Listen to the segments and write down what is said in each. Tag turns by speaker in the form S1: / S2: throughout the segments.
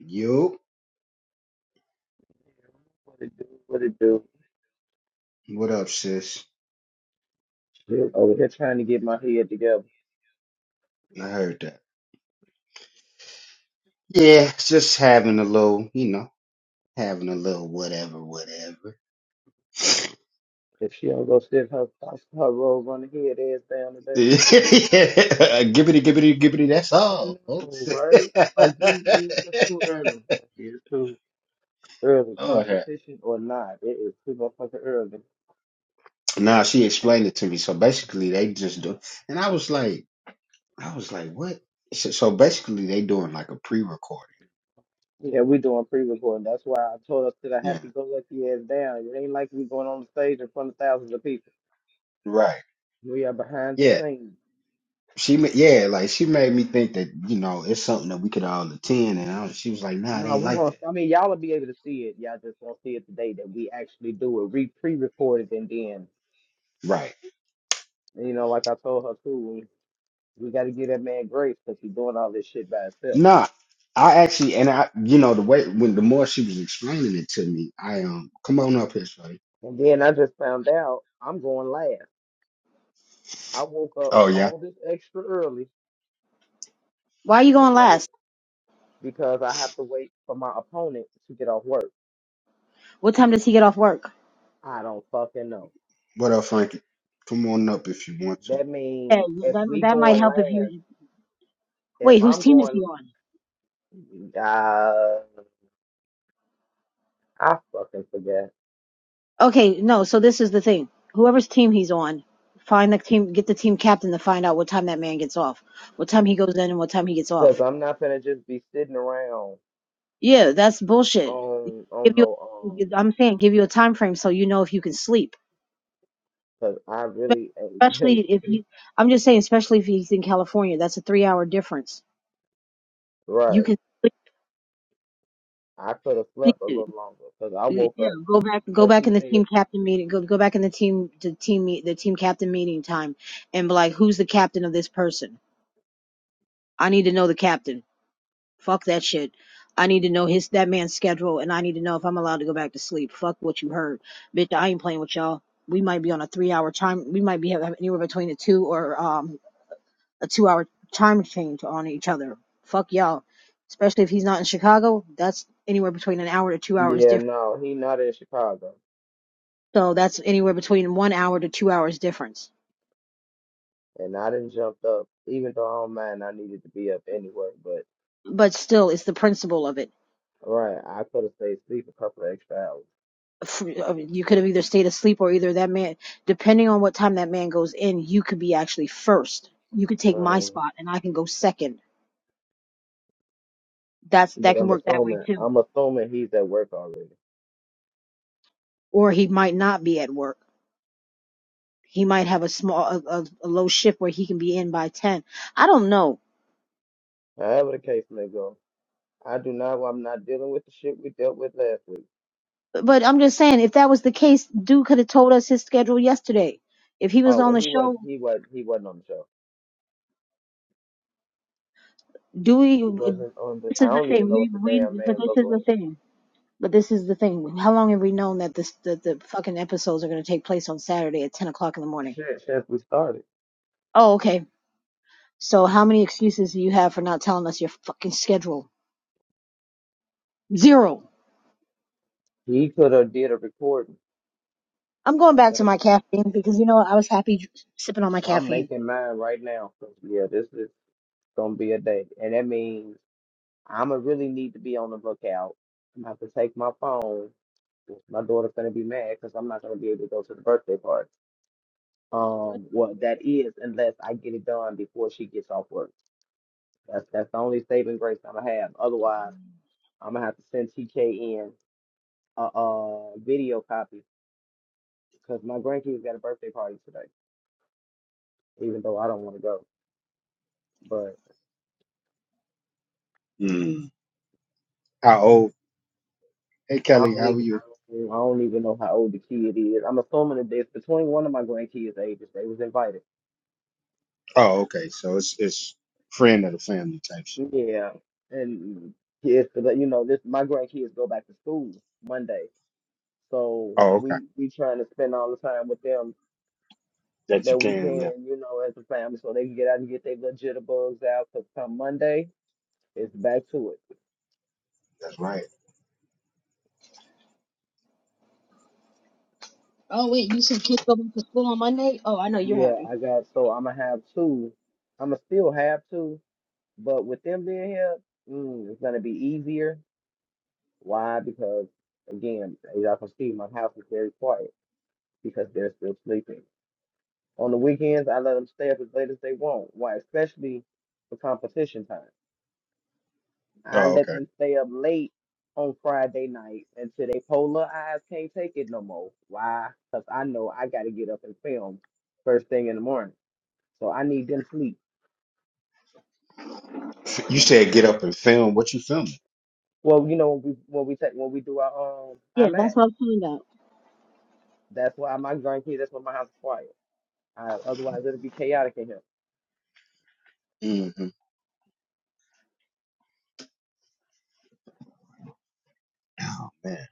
S1: Yup.
S2: What it do? What it do?
S1: What up, sis?
S2: Shit, over here trying to get my head together.
S1: I heard that. Yeah, just having a little, you know, having a little whatever, whatever.
S2: If she don't go sit her her robe on the head ass down today.
S1: Yeah, gibbity, gibbity, gibbity. That's
S2: I
S1: all, folks.
S2: know, right? Like you, you, it's too early. Like, It's too early.
S1: Lord, have-
S2: Competition or not, it is too motherfucking early.
S1: nah, she explained it to me. So basically, they just do, and I was like, I was like, what? So, so basically, they doing like a pre-recording.
S2: Yeah, we doing pre-recording. That's why I told us to the
S1: Yeah.
S2: happy-go-lucky ass down. It ain't like we going on the stage in front of thousands of people.
S1: Right.
S2: We are behind the
S1: Yeah.
S2: scenes.
S1: She, ma- yeah, like she made me think that you know it's something that we could all attend, and I, was- she was like, nah, it
S2: No,
S1: ain't
S2: we
S1: like
S2: won't.
S1: that.
S2: I mean, y'all will be able to see it. Y'all just won't see it today that we actually do it. We pre-recorded and then
S1: Right.
S2: And, you know, like I told her too, we, we got to give that man grace because he's doing all this shit by himself.
S1: Nah, I actually, and I, you know, the way when the more she was explaining it to me, I um, come on up here, Shorty.
S2: And then I just found out I'm going last. I woke up
S1: Oh yeah.
S2: all this extra early
S3: Why are you going
S2: because I wo-
S3: last?
S2: because I have to wait for my opponent to get off work.
S3: What time does he get off work?
S2: I don't fucking know.
S1: What up, Frankie? Come on up if you want to.
S2: That
S3: Yeah,
S2: means if
S3: that,
S2: we
S3: that might
S2: going
S3: help if
S2: last,
S3: you.
S2: if
S3: Wait, whose
S2: I'm
S3: team is
S2: going,
S3: he on?
S2: uh, I fucking forget
S3: Okay, no, so this is the thing. Whoever's team he's on, find the team, get the team captain to find out what time that man gets off, what time he goes in and what time he gets
S2: because
S3: off.
S2: I'm not gonna just be sitting around
S3: Yeah, that's bullshit.
S2: on
S3: Give
S2: on
S3: you,
S2: no um
S3: I'm saying, give you a time frame so you know if you can sleep.
S2: because I
S3: Spe-
S2: really ain't been
S3: Especially if you, I'm just saying, especially if he's in California, that's a three hour difference. You
S2: right.
S3: can
S2: I could have slept a
S3: sleep.
S2: little longer because I
S3: Y-
S2: woke
S3: Yeah,
S2: up
S3: go back, go
S2: because
S3: back
S2: he
S3: in the
S2: said,
S3: team captain meeting. Go, go back in the team, the team, meet, the team captain meeting time, and be like, who's the captain of this person? I need to know the captain. Fuck that shit. I need to know his that man's schedule, and I need to know if I'm allowed to go back to sleep. Fuck what you heard, bitch. I ain't playing with y'all. We might be on a three hour time. We might be having anywhere between a two or um a two hour time change on each other. Fuck y'all. Especially if he's not in Chicago, that's anywhere between an hour to two hours
S2: "Yeah, no, he not in Chicago,"
S3: So that's anywhere between one hour to two hours difference.
S2: and I didn't jump up, even though I don't mind. I needed to be up anyway, but
S3: But still, it's the principle of it.
S2: right, I could have stayed asleep a couple of extra hours.
S3: F- of- You could have either stayed asleep or either that man, depending on what time that man goes in, you could be actually first. You could take my
S2: Um,
S3: spot and I can go second. That's
S2: but
S3: that can
S2: I'm
S3: work that way
S2: assuming
S3: too.
S2: I'm assuming he's at work already.
S3: Or he might not be at work. He might have a small, a, a, a low shift where he can be in by ten. I don't know,
S2: However the case may go, I do not. I'm not dealing with the shit we dealt with last week.
S3: but I'm just saying if that was the case, dude could have told us his schedule yesterday. If he was
S2: Oh,
S3: on
S2: well,
S3: the
S2: he was
S3: show
S2: he was he wasn't on the show.
S3: Do we?
S2: He wasn't on the.
S3: This
S2: I
S3: is the
S2: don't
S3: thing.
S2: even know
S3: We
S2: what the damn
S3: we. But
S2: man
S3: this
S2: looked
S3: is the
S2: like.
S3: thing. But this is the thing. How long have we known that this that the fucking episodes are going to take place on Saturday at ten o'clock in the morning?
S2: Shit, since we started.
S3: Oh, okay. So how many excuses do you have for not telling us your fucking schedule? Zero.
S2: He could have did a recording
S3: I'm going back to my caffeine because you know what? I was happy sipping on my
S2: I'm
S3: caffeine.
S2: making mine right now. 'cause, Yeah, this is gonna be a day, and that means I'm gonna really need to be on the lookout. I'm gonna have to take my phone. 'cause My daughter's gonna be mad because I'm not gonna be able to go to the birthday party. Um, well, that is unless I get it done before she gets off work. That's that's the only saving grace I'm gonna have. Otherwise, I'm gonna have to send TK in a, a video copy because my grandkids got a birthday party today, even though I don't want to go.
S1: Mm. How old? Hey,
S2: I
S1: Kelly,
S2: don't
S1: how are
S2: even I
S1: you?
S2: don't, I don't even know how old the kid is. I'm assuming that it's between one of my grandkids' ages. They was invited.
S1: Oh, okay. So it's it's friend of the family type shit.
S2: Yeah, and it's you know this my grandkids go back to school Monday, so
S1: Oh, okay.
S2: we we trying to spend all the time with them
S1: That you
S2: that we
S1: can, yeah.
S2: can, you know, as a family, so they can get out and get their little jitterbugs out. Cause come Monday, it's back to it.
S1: That's right.
S3: Oh wait, you said kids go back to school on Monday? Oh, I know you're
S2: Yeah,
S3: happy.
S2: I got so I'm gonna have two. I'm gonna still have two, but with them being here, mm, it's gonna be easier Why? Because again, as y'all can see, my house is very quiet because they're still sleeping. On the weekends, I let them stay up as late as they want. Why? Especially for competition time. I
S1: Oh,
S2: let
S1: okay.
S2: them stay up late on Friday night until they polar eyes can't take it no more. Why? Because I know I got to get up and film first thing in the morning. So I need them sleep.
S1: F- You
S2: And
S1: said get up and film. What you filming?
S2: well, you know, when we when we take when we do our um,
S3: Yeah,
S2: I'm at.
S3: that's what I'm talking about.
S2: That's why my grandkids. That's why my house is quiet. I, otherwise, it'll be chaotic in here.
S1: hmm Man,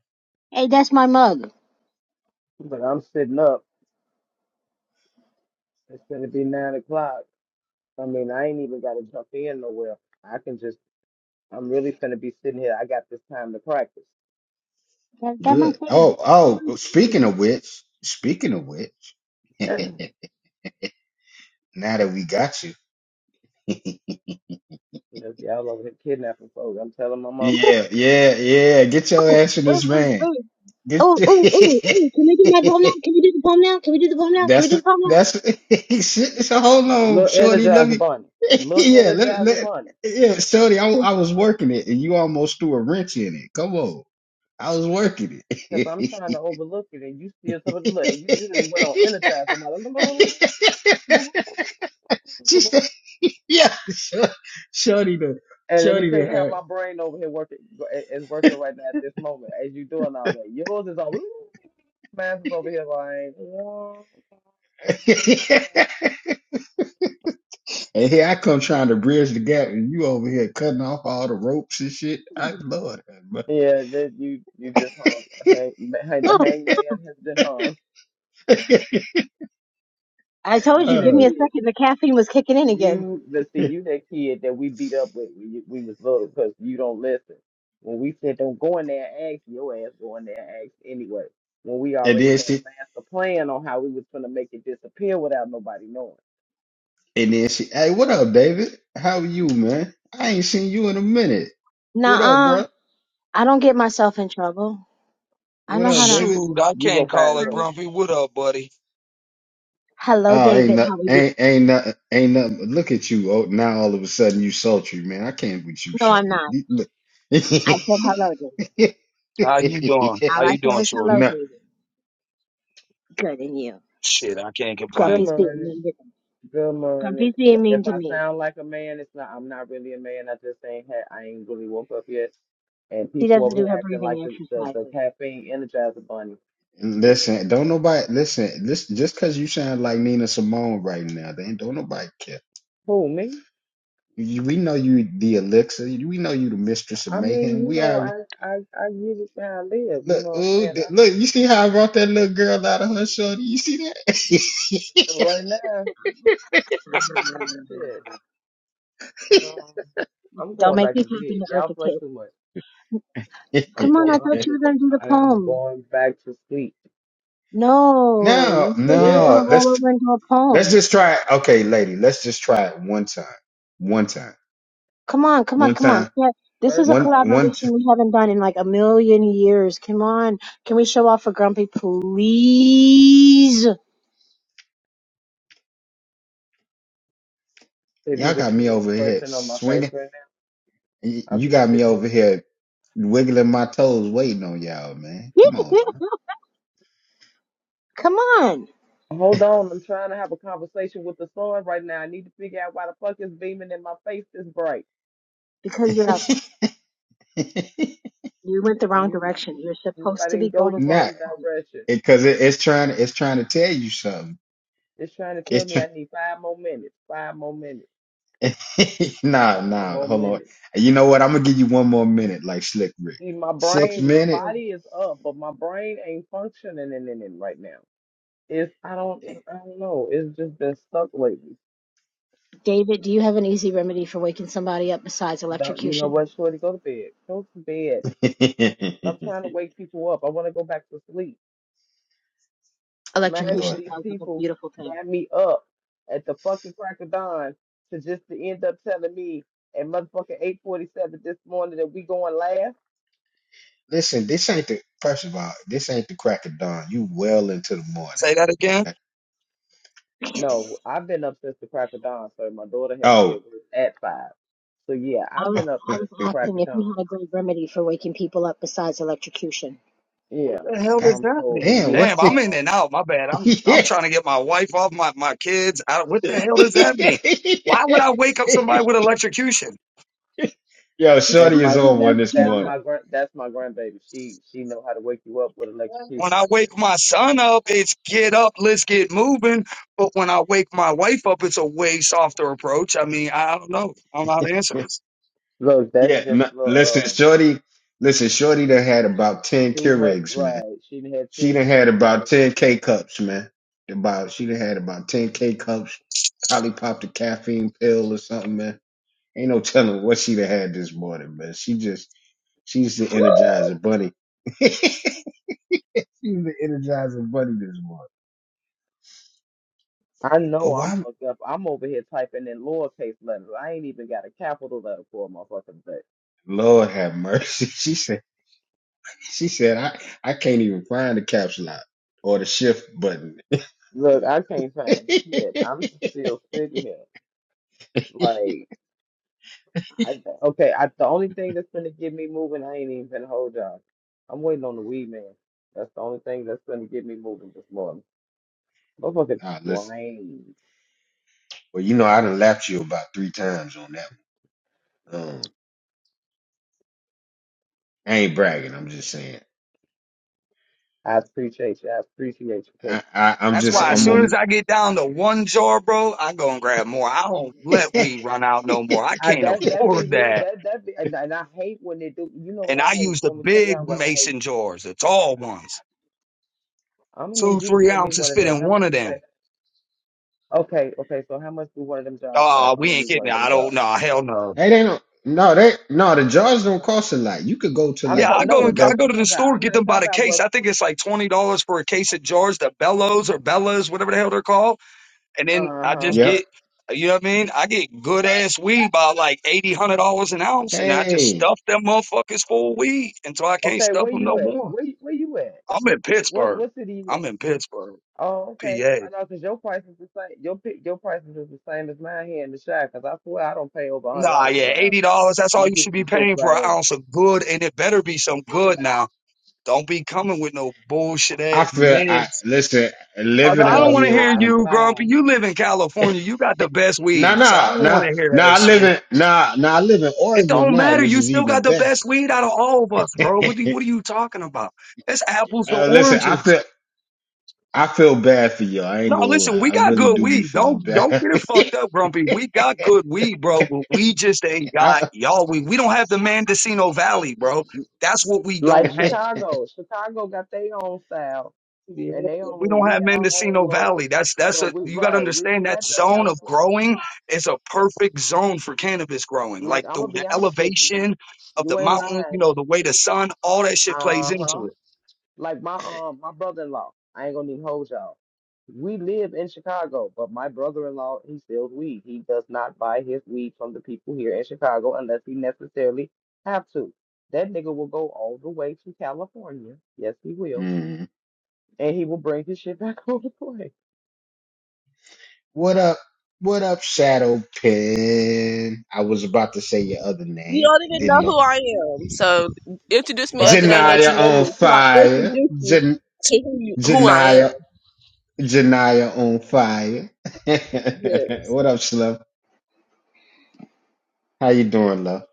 S3: Hey, that's my mug.
S2: But I'm sitting up. It's gonna be nine o'clock. I mean, I ain't even gotta jump in nowhere. I can just. I'm really finna be sitting here. I got this time to practice.
S3: That that my
S1: good.
S3: favorite.
S1: Oh, oh.
S3: Wait,
S1: Speaking of which, speaking of which, now that we got you.
S2: You know, if y'all over here kidnapping folks, I'm telling my mama,
S1: Yeah, yeah, yeah. Get your ass in
S3: wait,
S1: this van.
S3: wait.
S1: Get
S3: Oh,
S1: your...
S3: oh, oh, oh, can we do my poem now? Can we do the poem now? Can we do the poem now? Can we do
S1: that's
S3: the poem now?
S1: that's shit. So hold on,
S2: little
S1: Shorty. Let
S2: energizer
S1: me.
S2: bunny, little
S1: Yeah, let,
S2: energizer
S1: let
S2: bunny,
S1: yeah, Shorty. I, I was working it, and you almost threw a wrench in it. Come on, I was working
S2: because I'm
S1: it.
S2: trying to overlook it, and you still talking. Look, you you didn't went on energizer bunny.
S1: she said, "Yeah, Shor- Shorty, the
S2: And let me
S1: Shorty,
S2: tell you how
S1: the
S2: my brain over here working go- i- is working right now at this moment as you doing all that. Yours is all man's is over here like
S1: had." And here I come trying to bridge the gap, and you over here cutting off all the ropes and shit. I love that,
S2: yeah. That you you just hung hang, hang- the
S3: Oh,
S2: hangman has been hung.
S1: man.
S3: I
S2: You
S3: told you, give
S2: that
S1: uh,
S3: me a
S2: kid.
S3: second. The caffeine was kicking in again.
S2: You let's see. You that kid that we beat up with. We we was voted because you don't listen. When we said don't go in there and ask, your ass go in there and ask anyway. When we
S1: and
S2: already
S1: then
S2: had a
S1: she,
S2: master plan on how we was gonna make it disappear without nobody knowing.
S1: and then she, hey, what up, David? How are you, man? I ain't seen you in a minute. What up,
S3: Nuh-uh,
S1: bro?
S3: I don't get myself in trouble. I
S1: What
S3: know how
S1: up,
S3: not to
S1: David?
S3: do
S4: Shoot, I
S3: that.
S2: You go
S4: can't call
S2: find
S4: it
S2: trouble.
S3: Hi.
S4: grumpy. What up, buddy?
S3: Hello,
S1: Oh, ain't
S3: David.
S1: nothing,
S3: How are you?
S1: ain't ain't nothing, ain't nothing. but Look at you! Oh, now all of a sudden you sultry, man. I can't with you,
S3: No, I'm
S1: Shorty.
S3: not.
S1: You- Look,
S3: I said hello, David.
S4: How you doing? How
S3: All I
S4: you
S3: said
S4: doing,
S3: was hello,
S4: Shorty?
S1: no,
S3: David. Good, and you?
S4: Shit, I can't
S2: Good
S4: complain.
S3: Grumpy's being
S2: morning.
S3: mean to me.
S2: Good morning.
S3: Grumpy's being mean
S2: If
S3: to
S2: I
S3: me.
S2: sound like a man, it's not. I'm not really a man. I just ain't had. I ain't really woke up yet. And
S3: She
S2: people
S3: doesn't
S2: over here
S3: do her
S2: acting like
S3: breathing
S2: the the, the
S3: exercises.
S2: caffeine energizer bunny. And
S1: Listen, don't nobody listen. This just because you sound like Nina Simone right now, then don't nobody care.
S2: who me?
S1: You, we know you the elixir. We know you the mistress of
S2: I mean,
S1: mayhem.
S2: you
S1: We
S2: know,
S1: have
S2: I I I give it how I live. You
S1: look,
S2: know what I'm
S1: ooh,
S2: saying?
S1: th-
S2: I,
S1: look. You see how I brought that little girl out of her shorty? You see
S2: but
S1: that?
S2: right now, shit. Um, I'm
S3: Don't
S2: going
S3: make
S2: back
S3: me
S2: to
S3: tap
S2: bed.
S3: into
S2: Y'all
S3: Eartha
S2: play too
S3: Kitt.
S2: much. I'm
S3: Come
S2: going.
S3: on, I
S2: I
S3: thought you
S2: am.
S3: were going to do the
S2: I am
S3: poem.
S2: going back to sleep.
S3: No,
S1: no,
S3: you said you were
S2: Yes.
S1: no.
S3: gonna roll
S1: Let's
S3: over into a
S1: let's
S3: poem.
S1: just try. it. Okay, lady, let's just try it one time, one time,
S3: Come on, come on,
S1: one
S3: come on.
S1: time,
S3: Yeah, This is a
S2: First
S1: one
S2: off.
S1: one. T-
S3: collaboration we haven't done in like a million years. Come on. Can we show off for Grumpy, please?
S2: If you
S1: Y'all
S2: can
S1: got
S2: see
S1: me
S2: the
S1: over here
S2: expression on my face
S1: swinging.
S2: right
S1: Y-
S2: now, I'm
S1: You
S2: just
S1: got me
S2: sitting
S1: over
S2: there.
S1: here wiggling my toes, waiting on y'all, man. Come on now.
S3: Come on.
S2: Hold on, I'm trying to have a conversation with the sun right now. I need to figure out why the fuck is beaming in my face this bright.
S3: Because you're out. You went the wrong
S2: You,
S3: direction. You're
S2: you- I
S3: supposed to be
S2: didn't go the
S3: going for your
S1: Not
S2: wrong
S3: poem.
S2: direction.
S1: because it, it's trying. It's trying to tell you something.
S2: It's trying to tell
S1: It's
S2: me
S1: trying.
S2: I need five more minutes, five more minutes,
S1: nah,
S2: five
S1: nah.
S2: more
S1: Hold on.
S2: minutes.
S1: You know what? I'm gonna give you one more minute, like Slick Rick.
S2: See, my
S1: Six
S2: brain,
S3: Okay,
S2: my
S1: minutes.
S3: so
S2: body is up, but my brain ain't functioning in, in, in right now. It's I don't, I don't know. It's just been stuck lately.
S3: David, do you have an easy remedy for waking somebody up besides
S2: Don't you know
S3: electrocution?
S2: what, Shorty? Go to bed. Go to bed. I'm trying to wake people up. I want to go back to sleep. Mind you,
S1: Lord,
S3: Electrocution
S2: these
S1: have-
S3: sounds like a
S2: people
S3: beautiful thing.
S2: got me up at the fucking crack of dawn to just to end up telling me at motherfucking 8:47 this morning that we going last.
S1: listen. This ain't the first of all. This ain't the crack of dawn. You well into the morning.
S4: Say that again.
S1: Okay.
S2: No, I've been up since the crack of dawn, so my daughter had to be at
S1: Oh,
S2: work at five. So yeah,
S3: I
S2: I've
S3: was
S2: been up
S3: I
S1: God
S3: was
S2: since the crack
S3: asking
S2: of
S3: if
S2: dawn.
S3: you had a great remedy for waking people up besides electrocution.
S2: Yeah.
S4: What the hell does
S2: Um.
S4: that
S2: So
S4: mean?
S1: damn.
S2: yeah.
S4: Damn,
S1: What?
S4: I'm
S1: The,
S4: in
S2: Um.
S4: and out. My bad. I'm I'm trying to get my wife off my my kids. Out. What the hell does that mean? Why would I wake up somebody with electrocution?
S1: Yo,
S2: That's
S1: Shorty
S3: Because
S1: is
S2: my
S3: they
S1: on one
S2: that's
S3: won't
S1: this
S3: get up.
S2: that's
S1: morning.
S2: my grand that's my grandbaby. She she know how to wake you up with
S4: When
S2: electrocution.
S4: I
S2: For
S4: wake my son up, it's get up, let's get moving. But when I wake my wife up, it's a way softer approach. I mean, I don't know. I don't know how to answer this.
S2: real. Look, that's
S1: Yeah,
S2: just
S1: no,
S2: a
S1: listen,
S2: little. uh,
S1: Shorty, listen, Shorty done had about 10
S2: Too much,
S1: Keurigs, man.
S2: right? She did had have
S1: She
S2: check,
S1: done
S2: check
S1: had about
S2: period.
S1: 10 K-cups, man. About She done had about 10 K-cups, probably popped a caffeine pill or something, man. Ain't no telling what she done had this morning, man. She just, she's the energizer bunny. she's the energizer bunny this morning.
S2: I know
S1: Well,
S2: I'm
S1: why?
S2: fucked up. I'm over here typing in lowercase letters. I ain't even got a capital letter for a motherfucking thing.
S1: Lord have mercy. She said. She said, I, I can't even find the caps lock or the shift button.
S2: Look, I can't find shit. I'm still sitting here. Like, I okay. I the only thing that's gonna get me moving, I ain't even finna hold y'all. I'm waiting on the weed man. That's the only thing that's gonna get me moving this morning. Motherfucking
S1: ah, listen.
S2: train.
S1: Well, you know, I done lapped you about three times on that one. Um, I ain't bragging. I'm just saying.
S2: I appreciate you. I appreciate you. Cause
S1: I, I, I'm
S4: That's
S2: I
S4: why
S1: just,
S4: as
S2: ain't
S1: I'm
S4: soon
S1: on.
S4: as
S2: need
S4: I get down to one jar, bro, I go and grab more. I don't let
S1: hey,
S4: weed run out no
S1: they
S4: more. I
S2: I,
S4: can't
S2: that that be
S4: afford
S2: me.
S4: that.
S2: That that be, and, and I hate when they do. You know what
S4: And
S2: I
S4: I
S2: hate?
S4: use the
S2: Let me tell y'all
S4: big
S2: what I hate.
S4: mason jars, the tall ones.
S2: I'm gonna
S4: Two,
S2: need you to
S4: three
S2: send me
S4: ounces
S2: one of
S4: fit
S2: them.
S4: in
S2: How
S4: one
S2: much
S4: of
S2: you
S4: them.
S2: pay? Okay, okay. So how much do one of them jobs
S4: Oh,
S2: cost? I'm
S4: we
S2: gonna
S4: ain't
S2: need one
S4: getting it.
S2: of them
S4: I don't
S2: jobs.
S4: know. Hell no.
S1: don't. No, they no. The jars don't cost a lot. You could go to
S2: I'm
S4: Yeah,
S1: like
S2: t-
S4: I go
S2: no,
S1: your
S4: and I
S2: that's
S1: rec.
S2: what
S4: go
S2: I'm
S4: to the
S2: talking about.
S4: store,
S2: I'm
S4: get
S2: not
S4: them by
S2: talking
S4: the
S2: about
S4: case.
S2: what.
S4: I think it's like twenty dollars for a case of jars, the bellows or bellas, whatever the hell they're called. and then
S2: Uh
S4: I
S2: huh.
S4: just
S1: Yep.
S4: get, you know what I mean? I get good ass weed by like eighty, hundred dollars an ounce, and I just
S1: Hey,
S4: stuff them motherfuckers full of weed until I can't
S2: Okay,
S4: stuff
S2: where
S4: them
S2: you
S4: no
S2: at?
S4: more.
S2: Where you- where you at?
S4: I'm in
S2: What
S4: Pittsburgh.
S2: what city you
S4: I'm
S2: at?
S4: in Pittsburgh,
S2: Oh, okay.
S4: PA.
S2: I know because your price is the same. Your pi- your prices is the same as mine here in the shop. Because I swear I don't pay over a hundred
S4: Nah,
S2: dollars
S4: yeah,
S2: for an ounce.
S4: eighty dollars. That's all
S2: These
S4: you
S2: people
S4: should be
S2: can kiss
S4: paying for an
S2: my ass.
S4: ounce of good, and it better be some good. Now, don't be coming with no bullshit
S1: I
S4: ass
S1: feel. I
S4: mids.
S1: listen.
S4: Uh,
S1: Living
S4: I
S1: out
S4: don't
S2: Look,
S4: want to
S1: here
S4: hear
S2: I
S1: on.
S4: you, Grumpy.
S2: found.
S4: You live in California. You got the best
S1: Nah,
S4: weed, so I
S1: nah,
S4: don't want
S1: nah,
S4: to hear that
S1: nah. I
S4: shit.
S1: live in nah, nah. I live in
S4: It
S1: Oregon
S4: don't
S1: now,
S4: matter.
S1: which
S4: You
S1: is
S4: still
S1: even
S4: got the
S1: better.
S4: best weed out of all of us, bro. What, do, what are you talking about? It's apples to
S1: Uh, listen, I
S4: oranges.
S1: feel I feel bad for you. I ain't
S4: No,
S1: gonna
S4: listen,
S1: lie.
S4: we
S1: I
S4: got
S1: really
S4: good
S1: do be
S4: weed.
S1: feeling
S4: Don't don't
S1: bad.
S4: get it fucked up, Grumpy. We got good weed, bro, but we just ain't got
S1: I,
S4: y'all weed. We don't have the Mendocino Valley, bro. That's what we
S2: Like
S4: don't have.
S2: Chicago. Chicago got their own style
S4: Yeah,
S2: and they
S4: but we
S2: own
S4: don't
S2: we
S4: have
S2: got our own
S4: Mendocino
S2: love.
S4: Valley. That's that's
S2: But
S4: a
S2: we
S4: you gotta
S2: right, we
S4: understand
S2: ain't
S4: that
S2: got that
S4: zone of
S2: California
S4: growing is a perfect zone for cannabis growing.
S2: like
S4: Like the,
S2: I'ma be
S4: the
S2: honest with you.
S4: elevation of the
S2: You ain't
S4: mountains, you
S2: lying.
S4: know, the way the sun, all that shit plays into it.
S2: Uh-huh. Like my um my brother in law, I ain't gonna even hold y'all. We live in Chicago, but my brother in law he steals weed. He does not buy his weed from the people here in Chicago unless he necessarily have to. That nigga will go all the way to California. Yes, he will.
S1: Mm.
S2: And he will bring his shit back on the plane.
S1: What up? What up, Shadow Pen? I was about to say your other
S5: You
S1: name.
S5: don't
S1: but
S5: even know
S1: Didn't know.
S5: who I am. So introduce me as
S2: First
S5: the name
S2: off,
S5: that you
S1: Janaya
S5: know
S1: on
S5: me until I
S1: fire.
S5: introduce you
S1: Jan-
S5: to who, you, who I am.
S1: Janaya. Janaya on fire.
S5: Yes.
S1: what up, Slim? How you doing, love?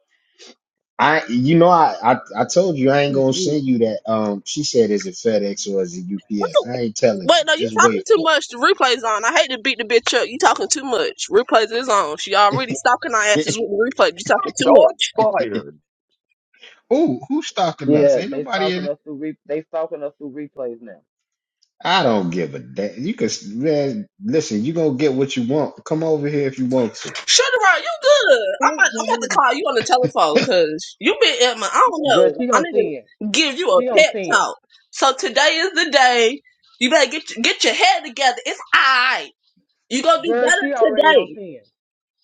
S1: I you know I, I I told you I ain't
S2: Oh,
S1: gonna
S2: Jesus.
S1: send you that. Um, she said is it FedEx or is it
S5: What
S1: UPS?
S5: the?
S1: I ain't telling
S5: Wait,
S1: you.
S5: no, you
S1: Just
S5: talking
S1: wait
S5: too
S1: for
S5: much. The replay's on. I hate to beat the bitch up. You talking too much. Replays is on. She already stalking our asses
S1: it.
S5: with the replay. You talking too much.
S4: Shots fired.
S1: who who's stalking us?
S2: yeah,
S1: Ain't
S2: they
S1: nobody in.
S2: stalking
S1: it.
S2: us through re- they stalking us through replays now.
S1: I don't give a damn. You can man, listen. You gonna get what you want. Come over here if you want to.
S5: Shut her up. You good. I'm
S3: Don't
S5: about, I'm about to call you on the telephone because you been at my, I don't
S2: Girl,
S5: know.
S2: she
S5: I
S2: on
S5: need
S2: ten.
S5: to give you a
S2: She on
S5: pep
S2: ten.
S5: talk. So today is the day. You better get, your- get your head together. It's all right. You gonna do
S2: Girl,
S5: better
S2: she already on
S5: today.
S2: ten.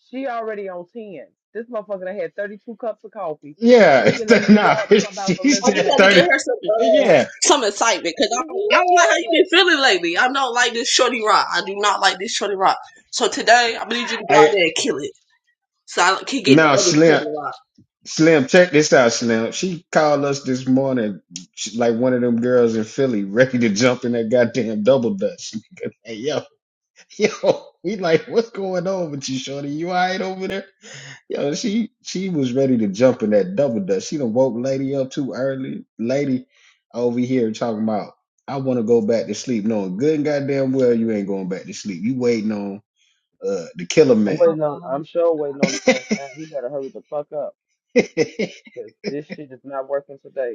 S2: She already on ten. This motherfucker done had thirty two cups of coffee,
S1: Yeah,
S2: waking a
S1: it's-
S2: nigga
S1: nah.
S2: up talking about some
S1: She
S2: let's
S5: I just
S2: do
S1: said
S2: a
S5: had to
S1: thirty.
S5: get her
S2: porn.
S5: some uh,
S1: Yeah.
S5: some excitement because I
S3: Oh,
S5: don't, I don't like how you been feeling lately. I don't like this shorty rock. I do not like this shorty rock. So today I need you to go out
S1: Hey,
S5: there and kill it. So I can get the
S1: now
S5: other
S1: Slim,
S5: shorty rock.
S1: Slim, check this out, Slim. She called us this morning, she- like one of them girls in Philly, ready to jump in that goddamn double dutch. Hey, yo. Yo, we like, what's going on with you, Shorty? You all right over there? Yo, she she was ready to jump in that double dutch. She done woke lady up too early. Lady over here talking about, I want to go back to sleep. No, good and goddamn well you ain't going back to sleep. You waiting on uh the killer
S2: I'm
S1: man.
S2: waiting on. I'm sure waiting on this ass now. He better hurry the fuck up because this shit is not working today.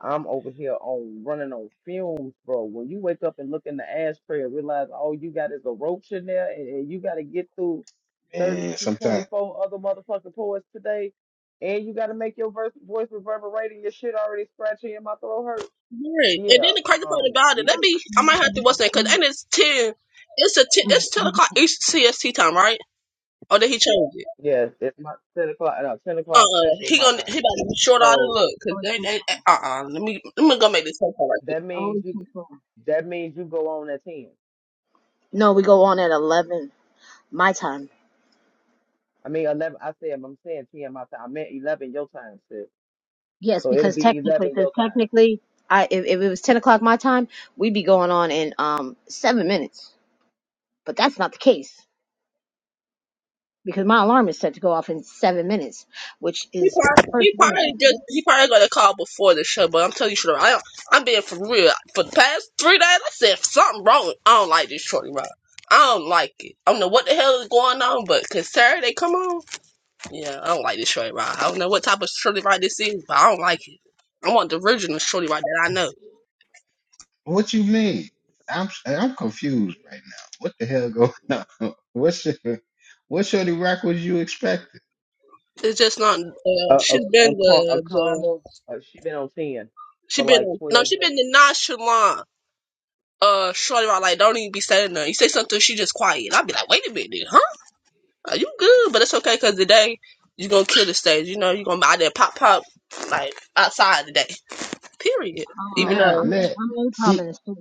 S2: I'm over here on running on fumes, bro. When you wake up and look in the ashtray and realize all you got is a roach in there and, and you got to get through 30
S1: man,
S2: to
S1: sometimes
S2: 24 other motherfucking poets today and you got to make your verse, voice reverberating, your shit already scratching and my throat hurt.
S5: Right. And
S2: Yeah,
S5: then the crazy part
S2: um,
S5: about it,
S2: yeah,
S5: let me. I might have to what's that? Cause and it's ten. It's a t- it's ten o'clock East CST time, right? Or did he change it?
S2: yeah, it's my 10 o'clock, no, 10
S5: Uh,
S2: o'clock
S5: uh
S2: central
S5: he
S2: my
S5: gonna he
S2: time.
S5: about to be short all the
S2: So
S5: look. Cause they they uh uh let me let me go make this phone call right
S2: that means you, that means you go on at 10.
S3: No, we go on at eleven my time.
S2: I mean, 11, I said, I'm saying 10 my time. I meant 11 your time, sis.
S3: Yes,
S2: So it'll
S3: because
S2: be
S3: technically,
S2: 11
S3: because
S2: your time.
S3: technically, I if, if it was ten o'clock my time, we'd be going on in um seven minutes. But that's not the case because my alarm is set to go off in seven minutes, which
S5: He
S3: is the
S5: probably,
S3: first
S5: he
S3: warning.
S5: probably just he probably got a call before the show, but I'm telling you, shorty, I don't, I'm being for real. For the past three days, I said something wrong. I don't like this shorty, bro. I don't like it. I don't know what the hell is going on, but cause Saturday come on, yeah, I don't like this shorty, bro. I don't know what type of shorty right this is, but I don't like it. I want the original shorty right that I know.
S1: what you mean? I'm I'm confused right now. What the hell going on? What's your what Shorty Rock was you expecting?
S5: It's just not. Uh,
S2: A,
S5: she's
S2: a, a,
S5: been
S2: co- a
S5: the the
S2: comma, uh, she been on 10
S5: she
S2: for like
S5: been no
S2: 12
S5: she been
S2: days.
S5: the nonchalant uh shorty right like don't even be saying nothing. You say something, she just quiet. I'll be like, wait a minute, huh? Uh, you good, but it's okay because today you gonna kill the stage. You know, you gonna be out there pop pop like outside today. Period. Even
S3: Oh,
S1: Nah,
S3: I'm
S5: though
S3: na-
S1: let.
S3: I'm napalm
S1: she.
S3: in the street.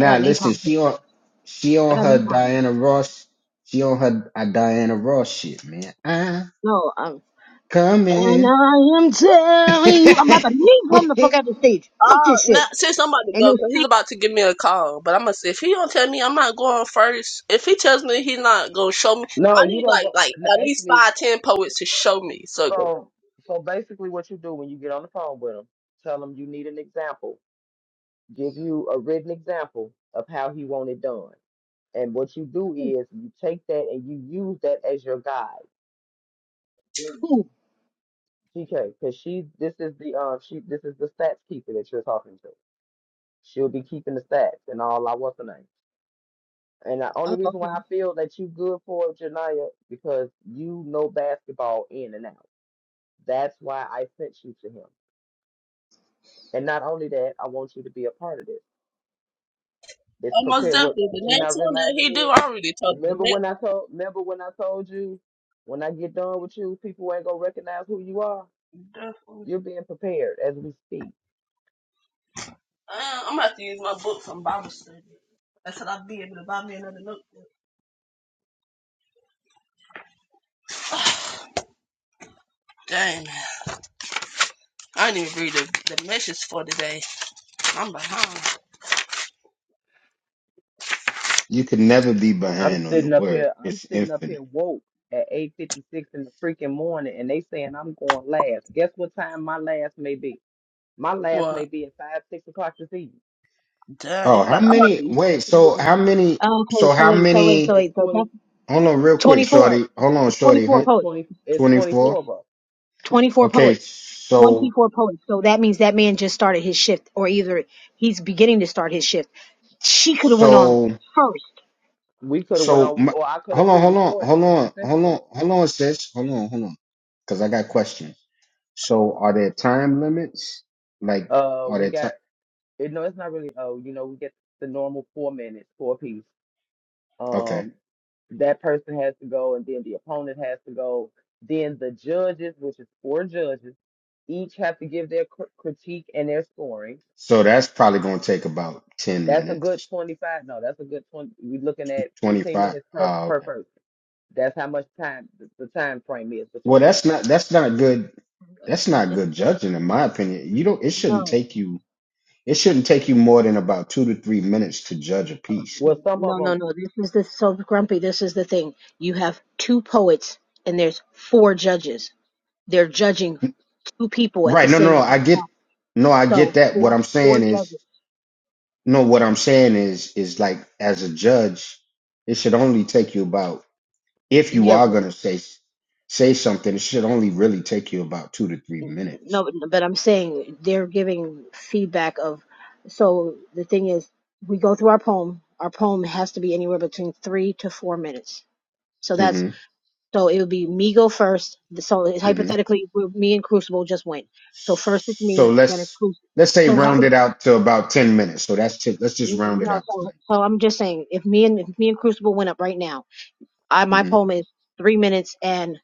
S3: I got
S1: listen,
S3: napalm for
S1: she
S3: your
S1: on
S3: ass.
S1: she
S3: I
S1: on
S3: got
S1: her
S3: napalm.
S1: Diana Ross. She on her uh, Diana Ross shit, man. i
S3: No, um,
S1: come
S3: and
S1: in.
S3: I am telling you, I'm about to napalm the fuck out the stage. Fuck
S5: uh
S3: this
S5: not
S3: shit.
S5: since I'm about to
S3: Ain't
S5: go, cause
S3: no
S5: he's
S3: stage
S5: about to give me a call. But I'm gonna say if he don't tell me I'm not going first, if he tells me he's not gonna show me
S2: No,
S5: I
S2: you
S5: need
S2: don't
S5: like
S2: go.
S5: like
S2: No,
S5: at least
S2: actually,
S5: five, ten poets to show me. So 'cause
S2: so so basically, what you do when you get on the phone with him, tell him you need an example, give you a written example of how he want it done. And what you do is you take that and you use that as your guide.
S3: food.
S2: TK, because she, this is the um, she, this is the stats keeper that you're talking to. She'll be keeping the stats and all. I what's her name? And the only
S3: Oh,
S2: reason why
S3: okay.
S2: I feel that you good for it, Janaya, because you know basketball in and out. That's why I sent you to him. And not only that, I want you to be a part of this. It's
S5: almost
S2: prepared. What
S5: definitely the
S2: you're
S5: next
S2: not
S5: one that he
S2: realizing
S5: do,
S2: is,
S5: I already told him the
S2: remember when I told, remember when I told you, when I get done with you, people ain't gonna recognize who you are.
S5: next definitely.
S2: You're being prepared as we speak.
S5: Uh, I'm gonna have to use my book from Bible study. That's how I'll be able to buy me another notebook. Dang. man. I didn't even read the, the message for today. I'm behind.
S1: you can never be
S2: I'm
S1: behind on the
S2: sitting up here.
S1: word.
S2: I'm
S1: It's
S2: sitting up
S1: infinite.
S2: here woke at eight fifty six in the freaking morning, and they saying I'm going last. Guess what time my last may be? My last may
S5: Well,
S2: be at five six o'clock this evening.
S5: duh,
S1: Oh,
S5: you
S1: how
S5: about, I'm about to
S1: many?
S5: be.
S1: Wait, so how many?
S3: Oh, okay.
S1: So
S3: So
S1: how
S3: wait, so wait, so
S1: many?
S2: It's
S3: wait. So
S2: twenty.
S3: that's
S1: Hold on, real quick,
S3: 24.
S1: shorty.
S3: It's,
S1: Hold on,
S3: it's
S1: shorty.
S3: 24
S2: It's
S3: poets.
S2: twenty. It's
S1: Twenty
S2: twenty four
S1: four.
S2: of us.
S3: 24
S1: Okay,
S3: poets.
S1: so
S3: 24 poets. So that means that man just started his shift, or either he's beginning to start his shift. She could have went on
S1: so
S3: first.
S2: we could have went
S1: So
S2: on,
S1: my,
S2: or I could
S1: hold
S2: have
S1: on, hold on,
S2: pre-recorded
S1: hold
S2: and
S1: on,
S2: just sent it
S1: hold
S2: to him.
S1: on, hold on, sis. Hold on, hold on, because I got questions. So are there time limits? Like,
S2: Uh,
S1: are
S2: we
S1: there
S2: got
S1: time?
S2: it. No, it's not really. Oh, you know, we get the normal four minutes for a piece.
S1: Okay.
S2: Um, that person has to go, and then the opponent has to go. Then the judges, which is four judges, each have to give their cr- critique and their scoring.
S1: So that's probably going to take about 10
S2: That's a good
S1: minutes,
S2: twenty-five. No, that's a good twenty. We're looking at fifteen
S1: 25.
S2: minutes per
S1: Ah,
S2: per
S1: okay.
S2: person. That's how much time the, the time frame is
S1: Well,
S2: between us.
S1: that's not, that's not good. That's not good judging, in my opinion. You don't, it shouldn't
S3: No.
S1: take you, it shouldn't take you more than about two to three minutes to judge a piece.
S2: Well, some
S3: No,
S2: of them.
S3: no, no. This is the so grumpy. This is the thing. You have two poets and there's four judges. They're judging two people at the
S1: Right. No, no,
S3: same
S1: no. I
S3: exact time.
S1: get, no, I get
S3: So
S1: that. What
S3: four
S1: I'm
S3: four
S1: saying is
S3: judges.
S1: No, what I'm saying is, is like as a judge, it should only take you about if you
S3: Yeah,
S1: are
S3: but
S1: gonna say say something, it should only really take you about two to three minutes.
S3: no, but I'm saying they're giving feedback of. So the thing is, we go through our poem. Our poem has to be anywhere between three to four minutes. So that's
S1: hmm
S3: so it would be me go first. So
S1: hmm
S3: hypothetically, we- me and Crucible just went. So first it's me,
S1: So
S3: then it's
S1: let's
S3: Crucible.
S1: let's say
S3: So
S1: round it out to about ten minutes. So that's it. let's just
S3: N-
S1: round
S3: No,
S1: it out tonight.
S3: so, so I'm just saying, if me and if me and Crucible went up right now, I my
S1: hmm
S3: poem is three minutes and